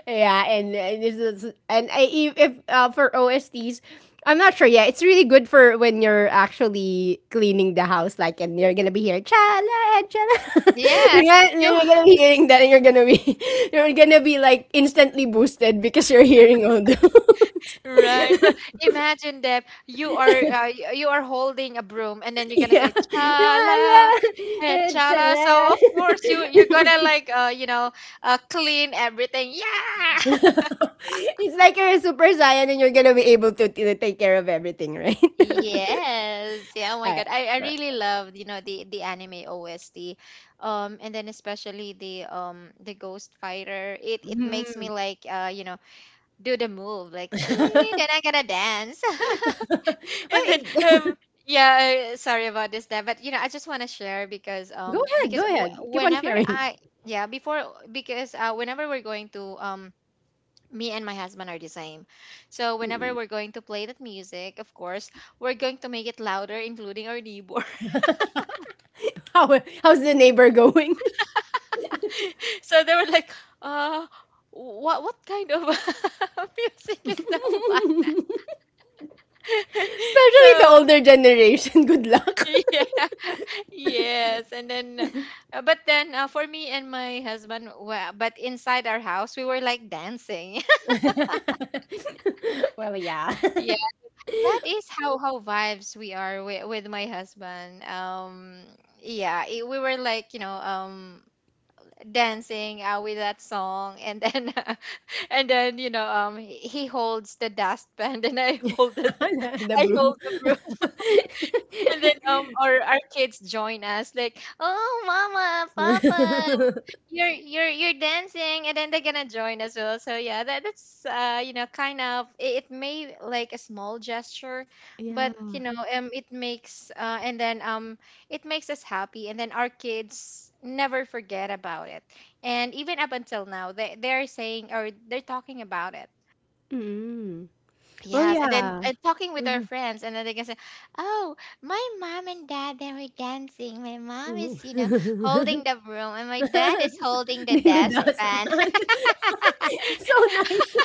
Speaker 1: Yeah, and this is and I if, for OSTs, I'm not sure. Yeah, it's really good for when you're actually cleaning the house, like, and you're gonna be hearing chala chala. you're
Speaker 2: Yes,
Speaker 1: gonna, and then
Speaker 2: you
Speaker 1: you're gonna be hearing that, and you're gonna be you're gonna be like instantly boosted because you're hearing all those.
Speaker 2: right. So imagine that you are you are holding a broom and then you're gonna
Speaker 1: yeah,
Speaker 2: say
Speaker 1: chala
Speaker 2: chala, hey,
Speaker 1: eh,
Speaker 2: chala.
Speaker 1: chala.
Speaker 2: So of course you you're gonna like you know clean everything. Yeah.
Speaker 1: It's like you're a super Saiyan and you're gonna be able to take care of everything, right?
Speaker 2: Yes. Yeah, oh my
Speaker 1: Ah,
Speaker 2: God. I really loved, you know, the anime OST. And then especially the Ghost Fighter. It makes me
Speaker 1: hmm.
Speaker 2: like do the move like ching, and then I gotta dance
Speaker 1: Well,
Speaker 2: and then
Speaker 1: it
Speaker 2: yeah sorry about this that but I just want to share because
Speaker 1: go ahead, go ahead. Keep on
Speaker 2: whenever
Speaker 1: sharing.
Speaker 2: I yeah before because whenever we're going to me and my husband are the same, so whenever
Speaker 1: Mm.
Speaker 2: we're going to play that music, of course we're going to make it louder, including our neighbor.
Speaker 1: How how's the neighbor going?
Speaker 2: So they were like, uh what kind of music is that one
Speaker 1: Especially the
Speaker 2: So
Speaker 1: older generation. Good luck.
Speaker 2: yeah yes, and then, but then for me and my husband, well, but inside our house, we were like dancing.
Speaker 1: Well, yeah.
Speaker 2: Yeah, that is how vibes we are with my husband. Yeah, it, we were like dancing with that song, and then and then he holds the dustpan, and I hold the
Speaker 1: The the
Speaker 2: I
Speaker 1: broom.
Speaker 2: hold the broom, and then our kids join us like, oh, mama, papa. You're dancing, and then they're gonna join as well. So yeah, that's kind of, it may like a small gesture, but
Speaker 1: Yeah.
Speaker 2: it makes and then it makes us happy, and then our kids never forget about it, and even up until now they're saying or they're talking about it.
Speaker 1: Mm. Well,
Speaker 2: Yes, and then
Speaker 1: yeah.
Speaker 2: talking with their friends, and then they can say, oh, my mom and dad, they were dancing. My mom is,
Speaker 1: Mm.
Speaker 2: holding the broom, and my dad is holding the
Speaker 1: In the
Speaker 2: desk fan.
Speaker 1: dustpan. so nice.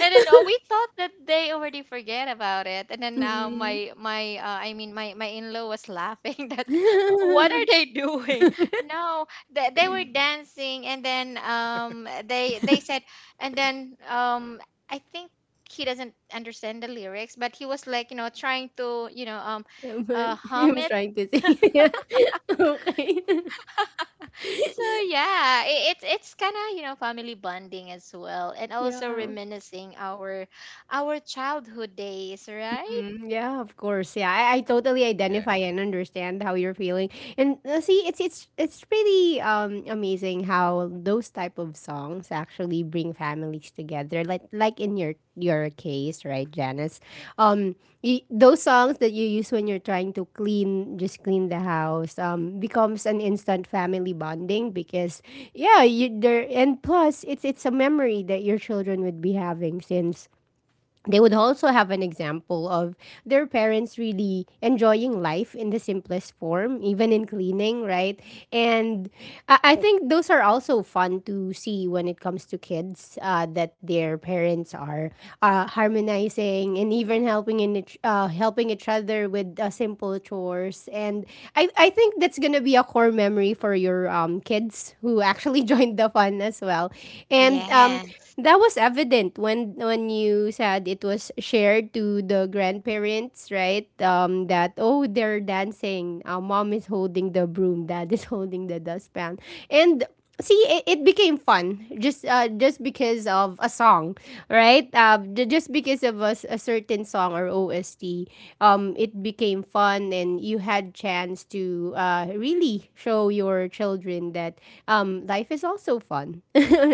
Speaker 2: And then we thought that they already forget about it, and then
Speaker 1: Mm.
Speaker 2: my my I mean my in-law was laughing that what are they doing.
Speaker 1: But
Speaker 2: No, they, they were dancing, and then they said, and then I think he doesn't understand the lyrics, but he was like trying to
Speaker 1: was I
Speaker 2: hum
Speaker 1: was
Speaker 2: it.
Speaker 1: trying to say. okay.
Speaker 2: So yeah, it's kind of, family bonding as well, and also
Speaker 1: Yeah.
Speaker 2: reminiscing our childhood days, right?
Speaker 1: Mm, yeah, of course. Yeah, I totally
Speaker 3: Yeah.
Speaker 1: identify and understand how you're feeling. And see, it's really amazing how those type of songs actually bring families together. Like in your case, right, Janice? Um, those songs that you use when you're trying to clean, just clean the house, becomes an instant family bonding because yeah, you there and plus it's a memory that your children would be having since they would also have an example of their parents really enjoying life in the simplest form, even in cleaning, right? And I think those are also fun to see when it comes to kids that their parents are harmonizing and even helping in helping each other with simple chores. And I think that's gonna be a core memory for your kids who actually joined the fun as well. And
Speaker 2: Yes.
Speaker 1: that was evident when you said it was shared to the grandparents, right? That oh they're dancing. Mom is holding the broom, dad is holding the dustpan, and see it became fun just because of a song, right? Just because of a certain song or OST, it became fun and you had chance to really show your children that life is also fun.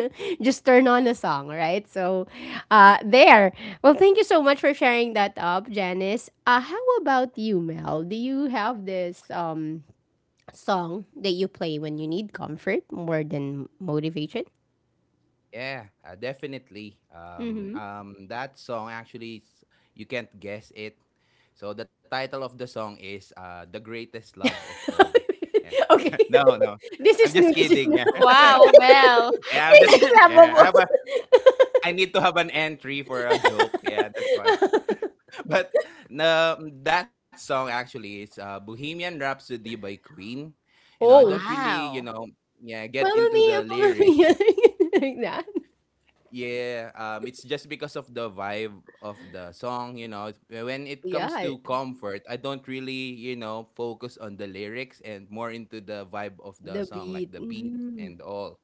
Speaker 1: Just turn on a song, right? So there. Well, thank you so much for sharing that up, Janice. How about you, Mel? Do you have this song that you play when you need comfort more than motivation?
Speaker 3: Yeah, definitely. That song actually, you can't guess it. So the title of the song is, "The Greatest Love of All." Yeah.
Speaker 1: Okay.
Speaker 3: No, no,
Speaker 1: This
Speaker 3: I'm
Speaker 1: is
Speaker 3: just
Speaker 1: new, this is
Speaker 3: kidding.
Speaker 1: new.
Speaker 3: Yeah.
Speaker 2: Wow, Mel.
Speaker 3: Yeah, I'm just
Speaker 1: This is
Speaker 3: yeah.
Speaker 1: lovable.
Speaker 3: I need to have an entry for a joke. Yeah, that's why. But no, that song actually is, Bohemian Rhapsody by Queen. You know, I don't
Speaker 1: Oh,
Speaker 3: really, you know,
Speaker 2: Wow.
Speaker 3: yeah, get into
Speaker 1: "Mamma
Speaker 3: the
Speaker 1: Mia, Mamma
Speaker 3: lyrics.
Speaker 1: Mia," like that?
Speaker 3: Yeah, it's just because of the vibe of the song, you know. When it comes
Speaker 1: Yeah,
Speaker 3: to comfort, I don't really, you know, focus on the lyrics and more into the vibe of the
Speaker 1: the
Speaker 3: song, like
Speaker 1: beat.
Speaker 3: the beat
Speaker 1: Mhm,
Speaker 3: and all.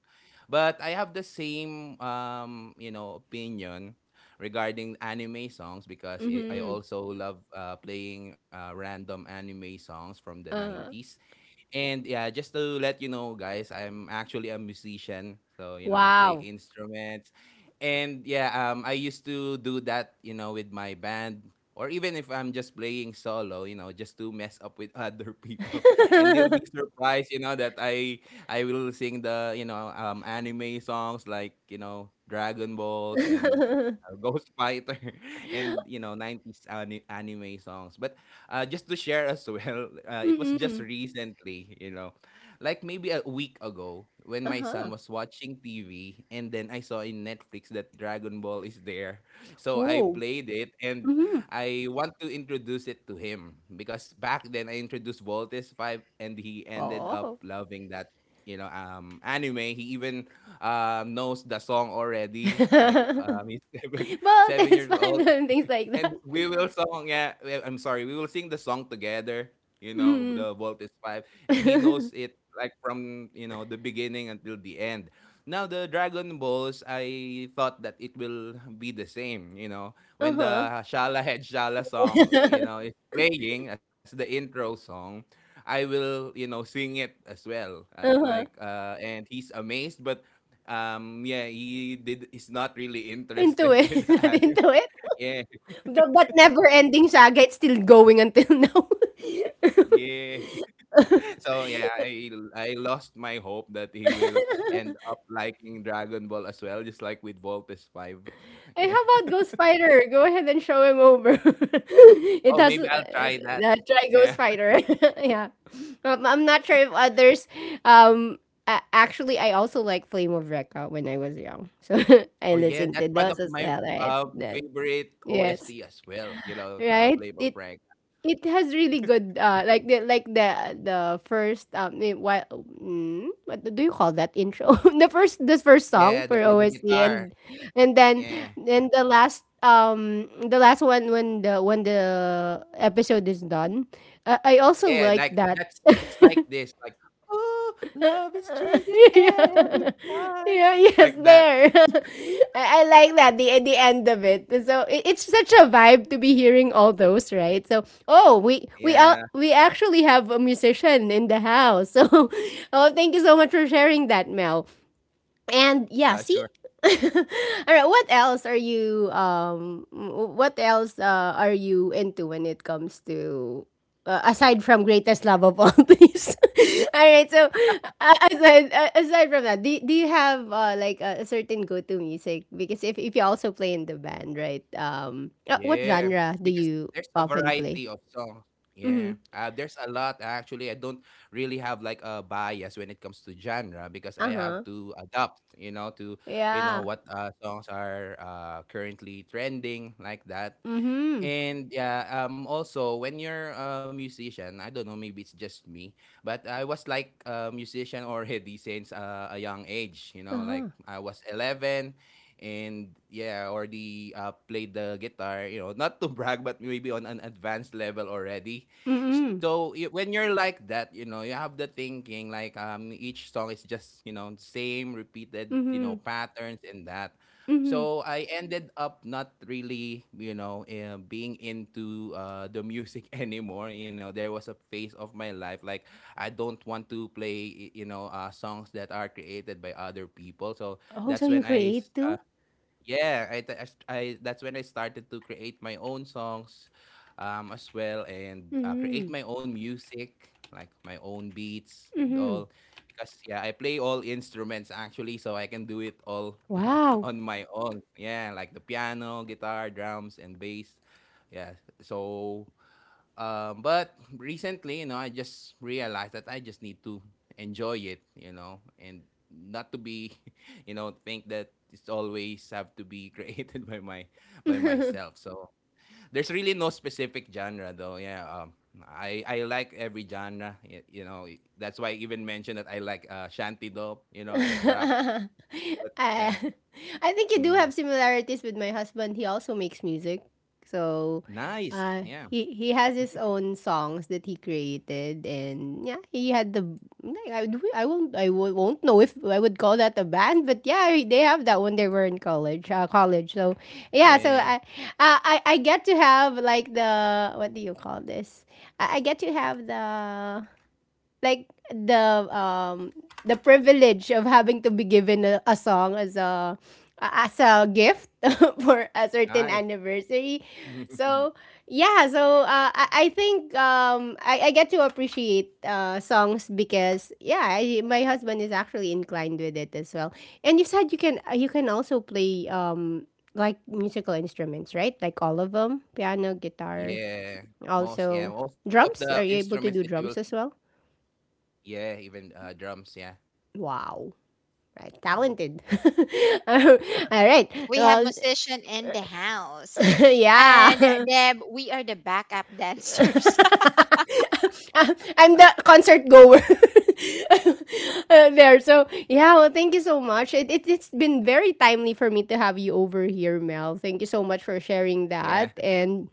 Speaker 3: But I have the same, you know, opinion regarding anime songs because I
Speaker 1: mhm,
Speaker 3: also love playing random anime songs from the
Speaker 1: uh-huh.
Speaker 3: nineties. And yeah, just to let you know, guys, I'm actually a musician. So, you know, I play
Speaker 1: Wow.
Speaker 3: instruments. And yeah, I used to do that, you know, with my band. Or even if I'm just playing solo, you know, just to mess up with other people, and they'll be surprised, you know, that I will sing the, you know, anime songs, like, you know, Dragon Balls and, Ghost Fighter, and, you know, 90s anime songs. But, just to share as well, it was just
Speaker 1: Mm,
Speaker 3: recently, you know, like maybe a week ago when my son
Speaker 1: uh-huh.
Speaker 3: was watching TV and then I saw in Netflix that Dragon Ball is there. So I
Speaker 1: Oh,
Speaker 3: played it, and
Speaker 1: mhm.
Speaker 3: I want to introduce it to him because back then I introduced Voltes 5, and he ended up
Speaker 1: Oh.
Speaker 3: loving that, you know, anime. He even, knows the song already, like, he's seven
Speaker 1: Well,
Speaker 3: seven
Speaker 1: that's
Speaker 3: years old,
Speaker 1: fine, and things like that.
Speaker 3: and we will song, yeah. I'm sorry. We will sing the song together. You know,
Speaker 1: Mm.
Speaker 3: the Vault is five, and he knows it like from, you know, the beginning until the end. Now the Dragon Balls, I thought that it will be the same. You know, when
Speaker 1: Uh-huh.
Speaker 3: the Shala Head Shala song, is playing as the intro song, I will sing it as well.
Speaker 1: Uh-huh.
Speaker 3: And he's amazed, but yeah he's not really
Speaker 1: Into
Speaker 3: interested
Speaker 1: it,
Speaker 3: with the
Speaker 1: not
Speaker 3: anime
Speaker 1: into it.
Speaker 3: yeah.
Speaker 1: The but never ending saga, it's still going until now.
Speaker 3: Yeah. So, yeah, I lost my hope that he will end up liking Dragon Ball as well, just like with Voltes 5.
Speaker 1: Hey,
Speaker 3: Yeah.
Speaker 1: how about Ghost Fighter? Go ahead and show him over.
Speaker 3: Oh,
Speaker 1: it does.
Speaker 3: maybe I'll try that.
Speaker 1: Try
Speaker 3: Yeah.
Speaker 1: Ghost Fighter. yeah, I'm not sure if others. Um, actually, I also like Flame of Recca when I was young, so
Speaker 3: Oh,
Speaker 1: I
Speaker 3: yeah, that's
Speaker 1: listened to
Speaker 3: one of
Speaker 1: those as
Speaker 3: my
Speaker 1: well.
Speaker 3: uh,
Speaker 1: Right? The-
Speaker 3: favorite OST
Speaker 1: yes,
Speaker 3: as well,
Speaker 1: right.
Speaker 3: Flavor Frank.
Speaker 1: It has really good like the first what mm, what do you call that intro the first
Speaker 3: Yeah,
Speaker 1: song
Speaker 3: the
Speaker 1: for
Speaker 3: the
Speaker 1: OSD
Speaker 3: guitar.
Speaker 1: and then
Speaker 3: Yeah.
Speaker 1: the last one when the episode is done I also
Speaker 3: Yeah, like
Speaker 1: like that
Speaker 3: that's it's like this, like oh, love is changing
Speaker 1: yeah.
Speaker 3: every time.
Speaker 1: yeah, yes,
Speaker 3: Like that.
Speaker 1: there. I like that the end of it. So it's such a vibe to be hearing all those, right? So oh,
Speaker 3: Yeah.
Speaker 1: we actually have a musician in the house. So oh, thank you so much for sharing that, Mel. And yeah, see?
Speaker 3: Sure.
Speaker 1: All right, what else are you what else are you into when it comes to aside from greatest love of all things? all right, so aside from that, do you have like a certain go-to music because if you also play in the band, right? What
Speaker 3: Yeah,
Speaker 1: genre do
Speaker 3: because
Speaker 1: you
Speaker 3: there's a
Speaker 1: often play?
Speaker 3: variety of songs.
Speaker 1: Mhm.
Speaker 3: Yeah, there's a lot actually. I don't really have like a bias when it comes to genre because I have
Speaker 1: Uh-huh.
Speaker 3: to adapt, you know, to
Speaker 1: Yeah.
Speaker 3: what songs are currently trending like that.
Speaker 1: Mhm.
Speaker 3: And yeah, also when you're a musician, I don't know, maybe it's just me, but I was like a musician already since a young age. You know, like
Speaker 1: Uh-huh.
Speaker 3: I was 11, and yeah, already played the guitar. You know, not to brag, but maybe on an advanced level already.
Speaker 1: Mhm.
Speaker 3: So when you're like that, you know, you have the thinking like each song is just same repeated
Speaker 1: Mhm.
Speaker 3: patterns and that.
Speaker 1: Mhm.
Speaker 3: So I ended up not really, you know, being into the music anymore. You know, there was a phase of my life like I don't want to play, you know, songs that are created by other people. So
Speaker 1: Oh,
Speaker 3: that's
Speaker 1: so you
Speaker 3: when I s-
Speaker 1: create too?
Speaker 3: yeah, I, th- I st- I- that's when I started to create my own songs as well and create
Speaker 1: Mhm.
Speaker 3: my own music, like my own beats and
Speaker 1: Mhm.
Speaker 3: all. Because yeah, I play all instruments actually, so I can do it all
Speaker 1: Wow.
Speaker 3: on my own. Yeah, like the piano, guitar, drums, and bass. Yeah, so but recently, you know, I just realized that I just need to enjoy it, you know, and not to be, you know, think that it's always have to be created by my by myself. So there's really no specific genre, though. Yeah, I like every genre. You know, that's why I even mentioned that I like shanty dope. You know, it's rap.
Speaker 1: I,
Speaker 3: But yeah,
Speaker 1: I think you do have
Speaker 3: mm,
Speaker 1: similarities with my husband. He also makes music. So
Speaker 3: nice. Yeah,
Speaker 1: he has his own songs that he created and yeah, he had the like, I won't won't know if I would call that a band, but yeah, they have that when they were in college, college. So yeah, so
Speaker 3: yeah,
Speaker 1: I get to have like the what do you call this? I get to have the like the privilege of having to be given a song as a gift for a certain
Speaker 3: nice.
Speaker 1: anniversary. So yeah, so I think I get to appreciate songs because yeah, I, my husband is actually inclined with it as well. And you said you can also play like musical instruments, right? Like all of them, piano, guitar,
Speaker 3: Yeah,
Speaker 1: also
Speaker 3: yeah, most of the
Speaker 1: drums. Are you able
Speaker 3: instruments
Speaker 1: to
Speaker 3: that
Speaker 1: do
Speaker 3: you will see.
Speaker 1: drums as well?
Speaker 3: Yeah, even drums, yeah.
Speaker 1: Wow. Right,
Speaker 3: Mm.
Speaker 1: talented. All right.
Speaker 2: We have
Speaker 1: Well,
Speaker 2: musician in the house. And
Speaker 1: yeah.
Speaker 2: Deb, we are the backup dancers.
Speaker 1: I'm I'm the concert goer there. So yeah. Well, thank you so much. It's been very timely for me to have you over here, Mel. Thank you so much for sharing that.
Speaker 3: Yeah.
Speaker 1: And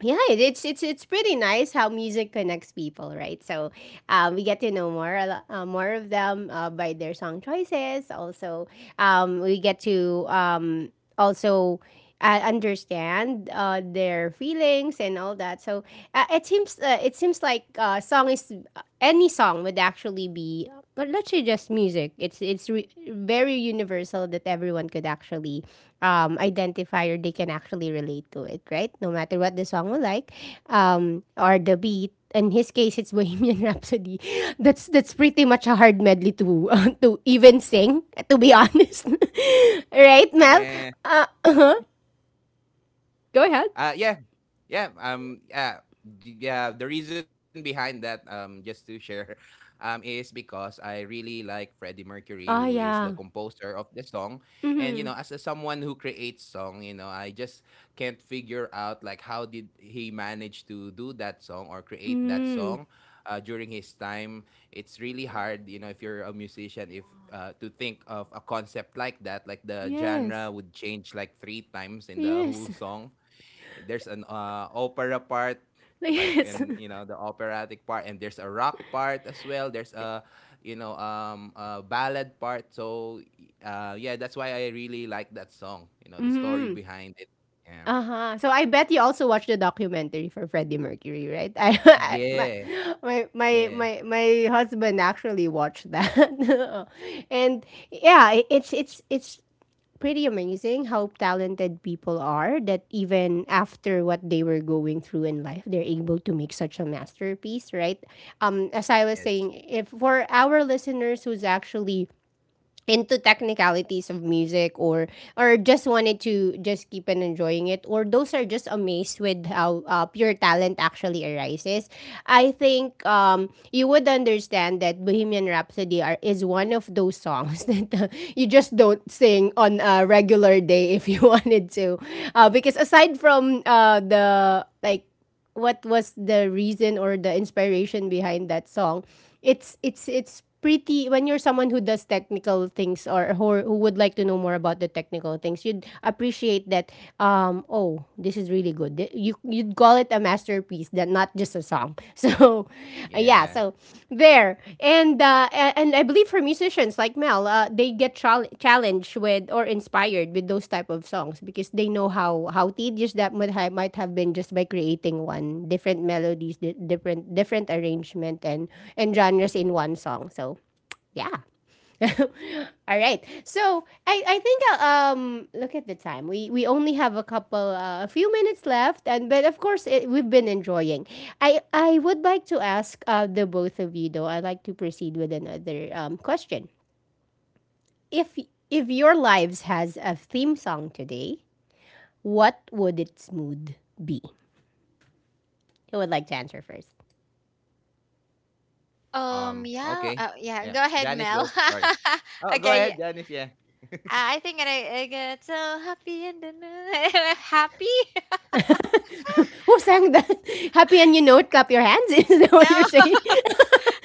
Speaker 1: yeah, it's it's pretty nice how music connects people, right? So we get to know more more of them by their song choices. Also, we get to also understand their feelings and all that. So it seems like song is any song would actually be but not say just music. It's very universal that everyone could actually identify or they can actually relate to it, right? No matter what the song we like, or the beat. In his case, it's Bohemian Rhapsody. That's pretty much a hard medley to to even sing. To be honest, right, Mel?
Speaker 3: Yeah.
Speaker 1: Uh-huh. Go ahead.
Speaker 3: Uh yeah, yeah, yeah, yeah, the reason behind that just to share is because I really like Freddie Mercury, who
Speaker 1: Oh
Speaker 3: is the
Speaker 1: yeah.
Speaker 3: composer of the song. And you
Speaker 1: Mm-hmm.
Speaker 3: know, as a, someone who creates song, you know, I just can't figure out like how did he manage to do that song or create that
Speaker 1: Mm-hmm.
Speaker 3: song during his time. It's really hard, you know, if you're a musician, if to think of a concept like that, like the genre
Speaker 1: Yes.
Speaker 3: would change like 3 times in the
Speaker 1: Yes.
Speaker 3: whole song. There's an opera part, like
Speaker 1: Yes.
Speaker 3: in you know, the operatic part, and there's a rock part as well. There's a you know a ballad part. So yeah, that's why I really like that song, you know, the
Speaker 1: Mm-hmm.
Speaker 3: story behind it. Yeah.
Speaker 1: Uh-huh. So I bet you also watched the documentary for Freddie Mercury, right? I
Speaker 3: Yeah. Yeah.
Speaker 1: my husband actually watched that. and yeah, it's pretty amazing how talented people are that even after what they were going through in life they're able to make such a masterpiece, right? As I was
Speaker 3: Yes.
Speaker 1: saying, if for our listeners who's actually into technicalities of music or just wanted to just keep on enjoying it or those are just amazed with how pure talent actually arises. I think you would understand that Bohemian Rhapsody is one of those songs that you just don't sing on a regular day if you wanted to because aside from the like what was the reason or the inspiration behind that song, it's pretty when you're someone who does technical things or who would like to know more about the technical things, you'd appreciate that. Oh, this is really good. You'd call it a masterpiece that not just a song. So yeah,
Speaker 3: Yeah.
Speaker 1: so there. And and I believe for musicians like Mel, they get challenged with or inspired with those type of songs because they know how tedious that might have been just by creating one different melodies, different different arrangement and genres in one song. So, yeah. All right. So I think look at the time. We only have a few minutes left, and but of course we've been enjoying. I would like to ask the both of you though. I'd like to proceed with another question. If if your lives has a theme song today, what would its mood be? Who would like to answer first?
Speaker 3: Okay.
Speaker 2: Yeah,
Speaker 3: Yeah.
Speaker 2: Go ahead,
Speaker 3: Janice,
Speaker 2: Mel.
Speaker 3: go. Sorry. Oh, go
Speaker 2: Okay,
Speaker 3: ahead, Janice. Yeah. Yeah.
Speaker 2: I think I get so happy, and then happy.
Speaker 1: Who sang that? Happy and you know it, clap your hands. Is that
Speaker 2: No.
Speaker 1: what you're saying?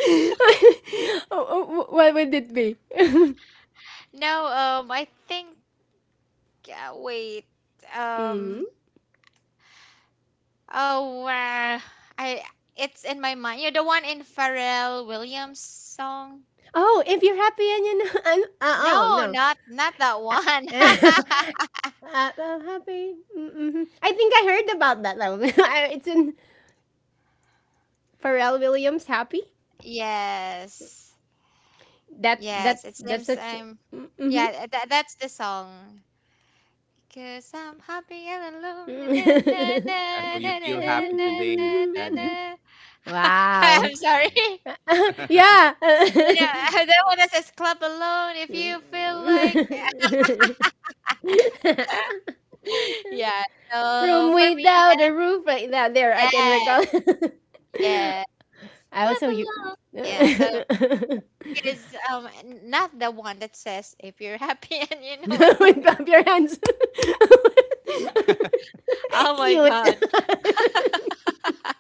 Speaker 1: Oh, oh, what would it be?
Speaker 2: No, I think wait.
Speaker 1: hmm
Speaker 2: Um. Oh, I. It's in my mind. You're the one in Pharrell Williams song.
Speaker 1: Oh, if you're happy and you know, and oh
Speaker 2: No,
Speaker 1: no.
Speaker 2: not not that one.
Speaker 1: I'm happy. Mm-hmm. I think I heard about that song. It's in Pharrell Williams' "Happy."
Speaker 2: Yes,
Speaker 1: That
Speaker 2: yes.
Speaker 1: that's
Speaker 2: It's them.
Speaker 1: that's such.
Speaker 2: Same.
Speaker 1: Mm-hmm.
Speaker 2: Yeah, that that's the song. Cause I'm happy and alone. Na, na, na,
Speaker 3: So
Speaker 2: na,
Speaker 3: you
Speaker 2: na,
Speaker 3: feel
Speaker 2: na,
Speaker 3: happy
Speaker 2: na,
Speaker 3: today,
Speaker 2: na, na,
Speaker 3: Janice?
Speaker 2: na.
Speaker 1: Wow.
Speaker 2: I'm
Speaker 3: Yeah.
Speaker 2: sorry.
Speaker 1: Yeah.
Speaker 2: You know, that one that says club alone if you feel
Speaker 1: Room
Speaker 2: like, yeah. So for me,
Speaker 1: without a
Speaker 2: yes,
Speaker 1: roof like that. There, I can
Speaker 2: yes,
Speaker 1: recall.
Speaker 2: yes.
Speaker 1: I
Speaker 2: Clap
Speaker 1: also you.
Speaker 2: along. Yeah. So
Speaker 1: With
Speaker 2: because not the one that says if you're happy and you know it, clap.
Speaker 1: bump your hands.
Speaker 2: Oh my
Speaker 1: Cute.
Speaker 2: god.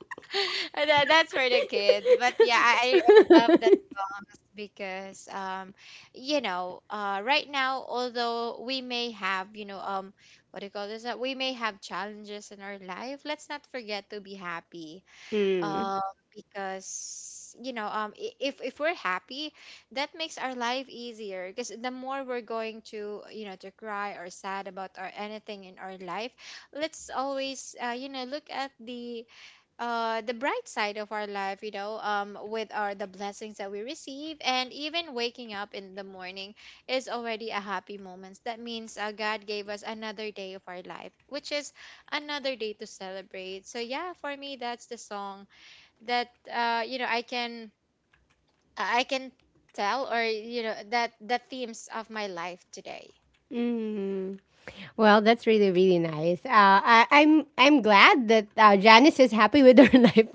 Speaker 2: That, that's for the kids. But yeah, I love that songs because right now, although we may have what do you call this, that we may have challenges in our life, let's not forget to be happy.
Speaker 1: Mm.
Speaker 2: um because if we're happy, that makes our life easier, because the more we're going to, to cry or sad about or anything in our life, let's always look at the bright side of our life, with our the blessings that we receive. And even waking up in the morning is already a happy moment. That means God gave us another day of our life, which is another day to celebrate. So yeah, for me, that's the song that I can, I can tell, or that the themes of my life today.
Speaker 1: Mm. Well, that's really nice. I'm glad that Janice is happy with her life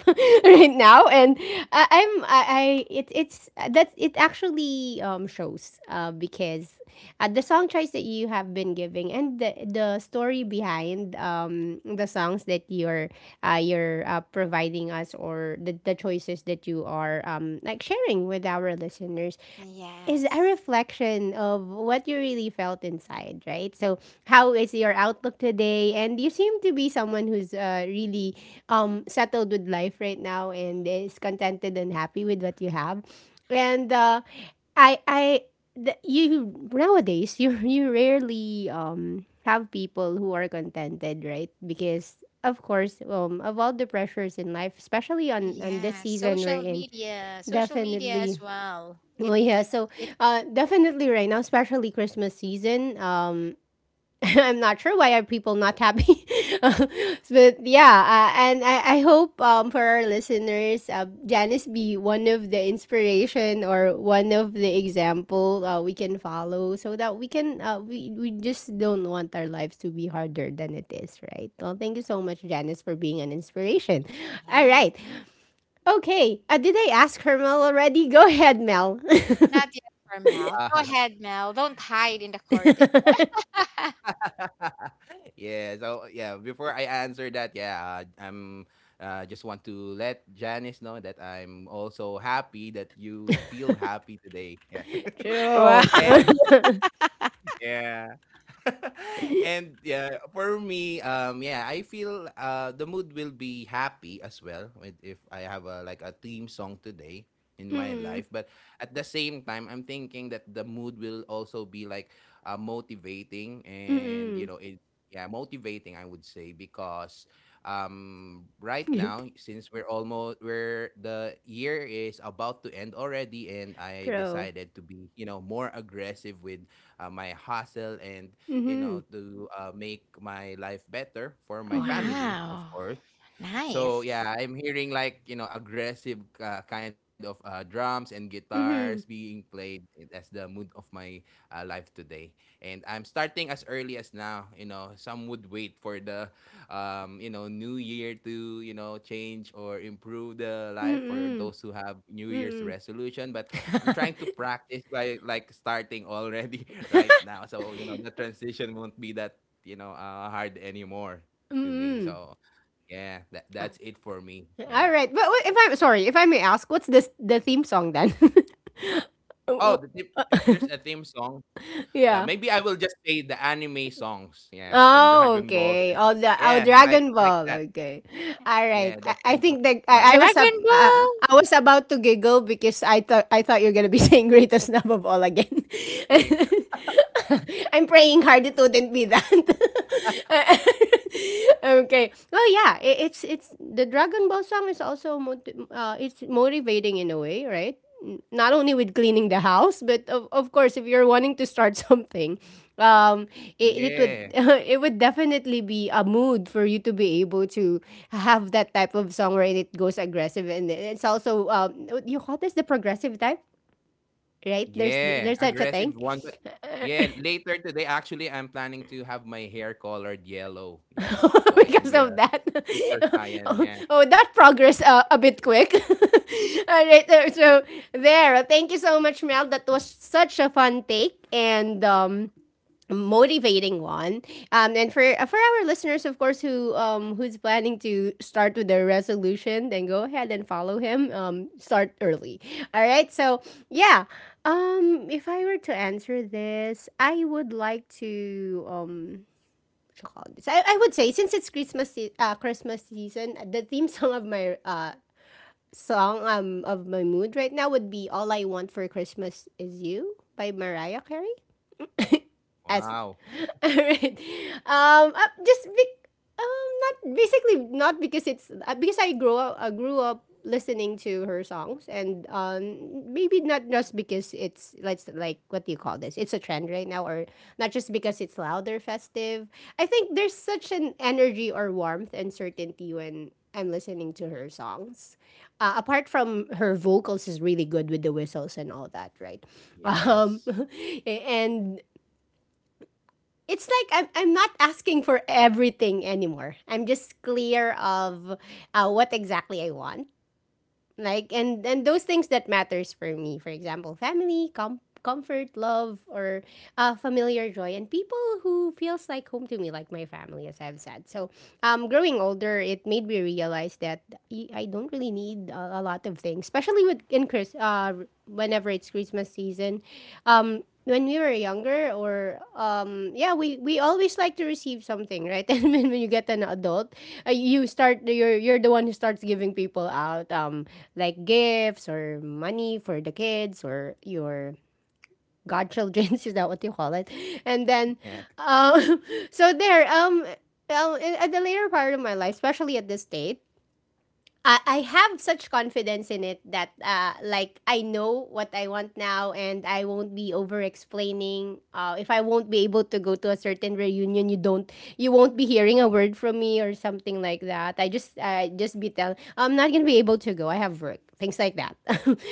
Speaker 1: right now, and I, I'm I it, it's that's it actually shows because the song choice that you have been giving and the story behind the songs that you're providing us or the choices that you are like sharing with our listeners is a
Speaker 2: Yes.
Speaker 1: reflection of what you really felt inside, right? So, how is your outlook today? And you seem to be someone who's really settled with life right now and is contented and happy with what you have. And I, I, you nowadays you you rarely have people who are contented, right? Because of course, of all the pressures in life, especially on this
Speaker 2: Yeah,
Speaker 1: season we're
Speaker 2: social
Speaker 1: in,
Speaker 2: media, social media as
Speaker 1: definitely
Speaker 2: well, it.
Speaker 1: well, yeah. So, definitely right now, especially Christmas season. I'm not sure why are people not happy, but yeah. I hope for our listeners, Janice be one of the inspiration or one of the example we can follow, so that we can we just don't want our lives to be harder than it is, right? Well, thank you so much, Janice, for being an inspiration. All
Speaker 2: Yes.
Speaker 1: right. Okay. Did I ask her Mel already? Go ahead, Mel.
Speaker 2: Not yet for Mel. Go ahead, Mel, don't hide in the curtain.
Speaker 3: Yeah. So yeah, before I answer that, yeah, I'm just want to let Janice know that I'm also happy that you feel happy today. Yeah.
Speaker 2: Wow.
Speaker 1: True.
Speaker 3: And yeah. And yeah, for me, yeah, I feel the mood will be happy as well, with if I have a like a theme song today in my life.
Speaker 1: Mm-mm.
Speaker 3: But at the same time, I'm thinking that the mood will also be like motivating, and you
Speaker 1: Mm-mm.
Speaker 3: know it. Yeah, motivating, I would say, because right
Speaker 1: Good.
Speaker 3: now, since we're almost where the year is about to end already, and I
Speaker 1: True.
Speaker 3: decided to be you know more aggressive with my hustle, and you
Speaker 1: Mm-hmm.
Speaker 3: know, to make my life better for my
Speaker 1: Mm-hmm.
Speaker 3: family, of
Speaker 2: Wow.
Speaker 3: course. So
Speaker 2: Nice.
Speaker 3: yeah, I'm hearing like you know aggressive kind of drums and guitars
Speaker 1: Mm-hmm.
Speaker 3: being played as the mood of my life today. And I'm starting as early as now. You know, some would wait for the you know, New Year to you know change or improve the life for
Speaker 1: Mm-mm.
Speaker 3: those who have New Year's
Speaker 1: Mm-mm.
Speaker 3: resolution. But I'm trying to practice by like starting already right now. So, you know, the transition won't be that, you know, hard anymore to me.
Speaker 1: Mm-mm.
Speaker 3: So, yeah, that,
Speaker 1: Ah,
Speaker 3: that's it for me.
Speaker 1: all
Speaker 3: Yeah.
Speaker 1: right. If I'm sorry, if I may ask, what's this the theme song then? Uh,
Speaker 3: Oh, the
Speaker 1: w-
Speaker 3: tip, if
Speaker 1: uh,
Speaker 3: there's a theme song, yeah,
Speaker 1: yeah.
Speaker 3: maybe I will just say the anime songs. Yeah, from
Speaker 1: Oh,
Speaker 3: Dragon Ball.
Speaker 1: okay.
Speaker 3: And- yeah,
Speaker 1: Dragon
Speaker 3: like
Speaker 1: Ball.
Speaker 3: that.
Speaker 1: Okay, all right.
Speaker 3: Yeah,
Speaker 1: I,
Speaker 3: that
Speaker 1: I
Speaker 3: kind
Speaker 1: think
Speaker 3: of
Speaker 1: that I, I
Speaker 3: vibe.
Speaker 1: was up.
Speaker 2: Dragon Ball.
Speaker 1: I was about to giggle because I thought you're gonna be saying greatest love of all again.
Speaker 3: Eh,
Speaker 1: I'm praying hard it wouldn't be that. Okay. Well, yeah. It's the Dragon Ball song is also it's motivating in a way, right? Not only with cleaning the house, but of course, if you're wanting to start something, um, it would
Speaker 3: yeah.
Speaker 1: it would definitely be a mood for you to be able to have that type of song where it goes aggressive and it's also what you call this the progressive type, right? There's
Speaker 3: Yeah,
Speaker 1: there's such a
Speaker 3: aggressive
Speaker 1: thing
Speaker 3: one, but yeah, later today actually I'm planning to have my hair colored yellow. Yeah. So I can
Speaker 1: because
Speaker 3: be a
Speaker 1: of that.
Speaker 3: super Saiyan.
Speaker 1: Oh,
Speaker 3: Yeah.
Speaker 1: oh, that progress a bit quick. All right, so there. Thank you so much, Mel. That was such a fun take, and motivating one and for our listeners of course who who's planning to start with their resolution then go ahead and follow him, start early. All right. So yeah, if I were to answer this I would like to what you call this? I would say since it's Christmas season, the theme song of my mood right now would be "All I Want for Christmas Is You" by Mariah Carey as
Speaker 3: Wow.
Speaker 1: alright. Um, uh, just bec- um, not basically not because it's because I grow up grew up listening to her songs, and maybe not just because it's like what do you call this? It's a trend right now, or not just because it's louder festive. I think there's such an energy or warmth and certainty when I'm listening to her songs. Apart from her vocals is really good with the whistles and all that, right? Um,
Speaker 3: Yes.
Speaker 1: and it's like I'm not asking for everything anymore. I'm just clear of what exactly I want. Like, and those things that matters for me. For example, family, comfort, love, or familiar joy, and people who feels like home to me, like my family, as I've said. So, growing older, it made me realize that I don't really need a lot of things, especially with in Chris. Whenever it's Christmas season, when we were younger or yeah we always like to receive something, right? And when you get an adult, you're the one who starts giving people out, like gifts or money for the kids or your godchildren is that what you call it, and then
Speaker 3: Yeah.
Speaker 1: um so there in- at the later part of my life, especially at this state, I have such confidence in it that like I know what I want now, and I won't be over explaining. If I won't be able to go to a certain reunion, you won't be hearing a word from me or something like that. I just be tell I'm not gonna be able to go. I have work, things like that.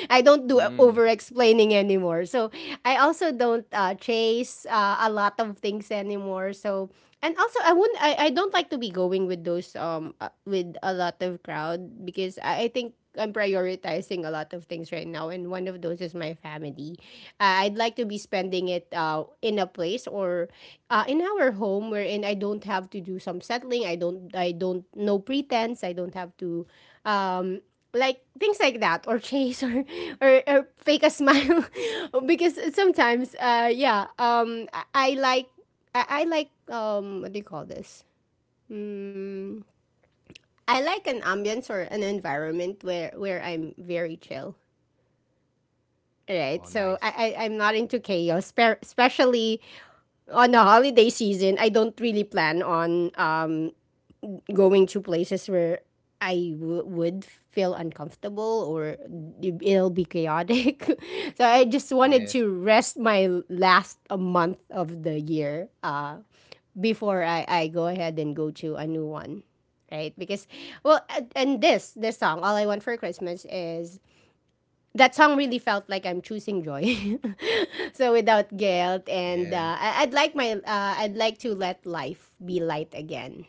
Speaker 1: I don't do
Speaker 3: Mm.
Speaker 1: over explaining anymore. So I also don't chase a lot of things anymore. So, and also, I wouldn't. I don't like to be going with those with a lot of crowd because I think I'm prioritizing a lot of things right now, and one of those is my family. I'd like to be spending it in a place, or in our home, wherein I don't have to do some settling. I don't. I don't. No pretense. I don't have to. Um, like things like that, or chase, or or fake a smile because sometimes yeah I like what do you call this? Mm, I like an ambience or an environment where I'm very chill.
Speaker 3: Oh,
Speaker 1: Right,
Speaker 3: nice.
Speaker 1: so I'm not into chaos, especially on the holiday season. I don't really plan on going to places where would feel uncomfortable, or it'll be chaotic. So I just
Speaker 3: Yes.
Speaker 1: wanted to rest my last a month of the year, before I go ahead and go to a new one, right? Because, well, and this song, All I Want for Christmas, is that song really felt like I'm choosing joy. So without guilt. And
Speaker 3: Yeah.
Speaker 1: I'd like I'd like to let life be light again,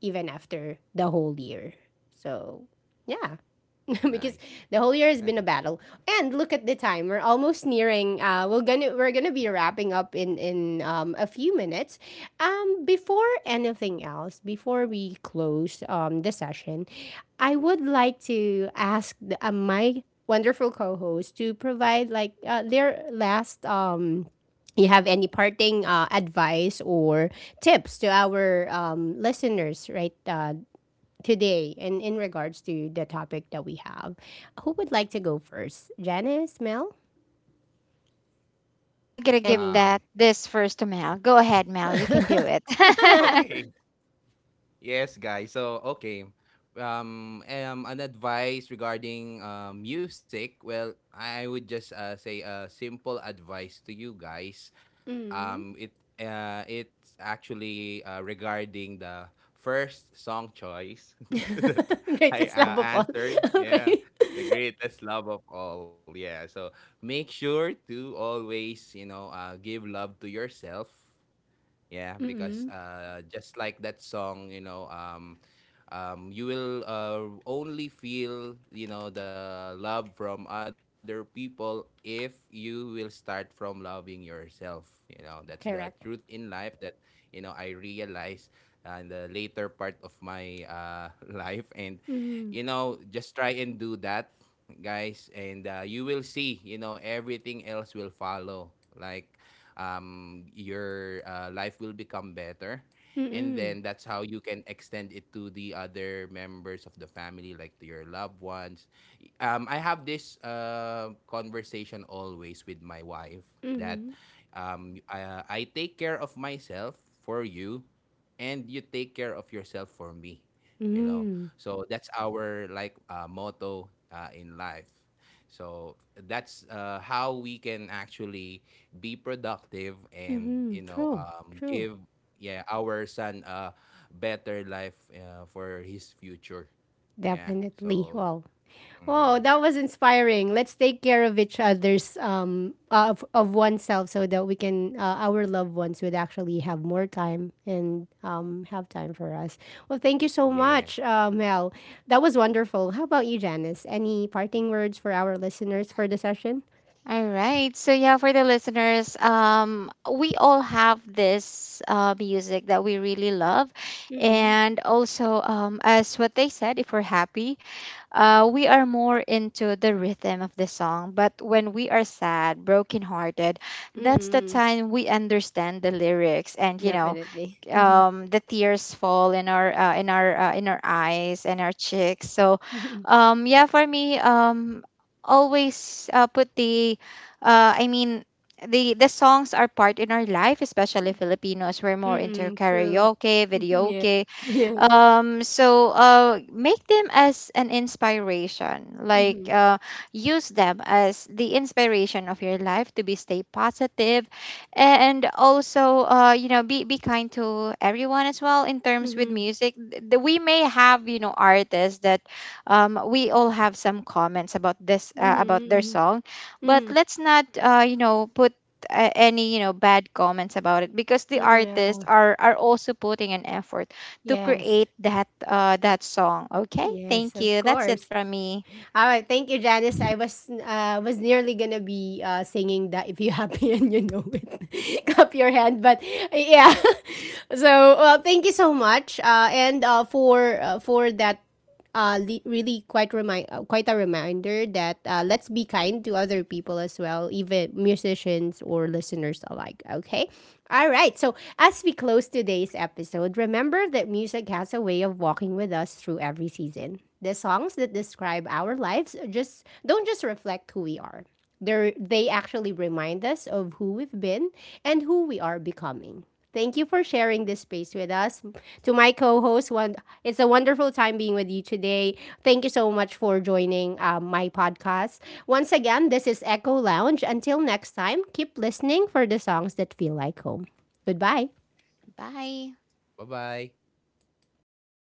Speaker 1: even after the whole year. So, yeah. Because
Speaker 3: Nice.
Speaker 1: the whole year has been a battle. And look at the time; we're almost nearing. We're gonna be wrapping up in a few minutes. Before anything else, before we close the session, I would like to ask my wonderful co-host to provide like their last. You have any parting advice or tips to our listeners right today, and in regards to the topic that we have. Who would like to go first? Janice, Mel,
Speaker 2: I got to give
Speaker 1: Annie?
Speaker 2: that
Speaker 3: Um
Speaker 2: this first to Mel. Go ahead, Mel, you can do it.
Speaker 3: okay. Yes, guys. So, okay. Um, an advice regarding music. Well, I would just say a simple advice to you guys.
Speaker 1: Mm.
Speaker 3: Um, it it's actually regarding the first song choice that I
Speaker 1: Greatest love of all.
Speaker 3: answered.
Speaker 1: Okay.
Speaker 3: Yeah, the greatest love of all. Yeah, so make sure to always you know give love to yourself. Yeah, because
Speaker 1: Mm-mm.
Speaker 3: just like that song, you know, you will only feel, you know, the love from other people if you will start from loving yourself. You know, that's the truth
Speaker 1: Correct.
Speaker 3: in life that, you know, I realized in the later part of my life. And,
Speaker 1: Mm.
Speaker 3: you know, just try and do that, guys. And you will see, you know, everything else will follow. Like, your life will become better, and
Speaker 1: Mm-mm.
Speaker 3: then that's how you can extend it to the other members of the family, like to your loved ones. I have this conversation always with my wife that
Speaker 1: Mm-mm.
Speaker 3: I take care of myself for you, and you take care of yourself for me, you know.
Speaker 1: Mm.
Speaker 3: So that's our like motto in life. So that's how we can actually be productive, and you
Speaker 1: Mm-hmm.
Speaker 3: know
Speaker 1: True. True.
Speaker 3: give yeah our son a better life for his future. Yeah,
Speaker 1: Definitely.
Speaker 3: so
Speaker 1: Well,
Speaker 3: mhm.
Speaker 1: wow, that was inspiring. Let's take care of each other's of oneself so that we can our loved ones would actually have more time and have time for us. Well, thank you so
Speaker 3: Yeah.
Speaker 1: much, Mel. That was wonderful. How about you, Janice? Any parting words for our listeners for the session?
Speaker 2: All right. So yeah, for the listeners, we all have this music that we really love,
Speaker 1: Mm-mm.
Speaker 2: and also, as what they said, if we're happy, we are more into the rhythm of the song. But when we are sad, brokenhearted, that's the
Speaker 1: Mm-mm.
Speaker 2: time we understand the lyrics, and you know,
Speaker 1: Definitely. Mm-hmm.
Speaker 2: the tears fall in our in our eyes and our cheeks. So, yeah, for me, always put the, I mean, the songs are part in our life, especially Filipinos. We're more
Speaker 1: Mm-hmm.
Speaker 2: into
Speaker 1: Mm-mm. True.
Speaker 2: karaoke,
Speaker 1: Mhm. Yeah.
Speaker 2: videoke.
Speaker 1: Yes.
Speaker 2: So make them as an inspiration, like
Speaker 1: Mm-hmm.
Speaker 2: use them as the inspiration of your life to be stay positive, and also be kind to everyone as well in terms with
Speaker 1: Mm-hmm.
Speaker 2: music. We may have artists that, we all have some comments about this about their
Speaker 1: Mm-hmm.
Speaker 2: song, but
Speaker 1: Mm-hmm.
Speaker 2: let's not put any bad comments about it because the
Speaker 1: Mm-hmm.
Speaker 2: artists
Speaker 1: Yeah.
Speaker 2: are also putting an effort to
Speaker 1: Yes.
Speaker 2: create that that song. Okay?
Speaker 1: Yes,
Speaker 2: Thank
Speaker 1: of
Speaker 2: you. That's it
Speaker 1: course.
Speaker 2: from me.
Speaker 1: All right, thank you, Janice. I was nearly gonna be singing that if you happy and you know it, clap your hand. But yeah, so well, thank you so much, and for that uh, really quite remind quite a reminder that let's be kind to other people as well, even musicians or listeners alike. Okay, all right. So as we close today's episode, remember that music has a way of walking with us through every season. The songs that describe our lives just don't just reflect who we are. They actually remind us of who we've been and who we are becoming. Thank you for sharing this space with us. To my co-host, one, it's a wonderful time being with you today. Thank you so much for joining my podcast. Once again, this is Echo Lounge. Until next time, keep listening for the songs that feel like home. Goodbye.
Speaker 2: Bye.
Speaker 3: bye bye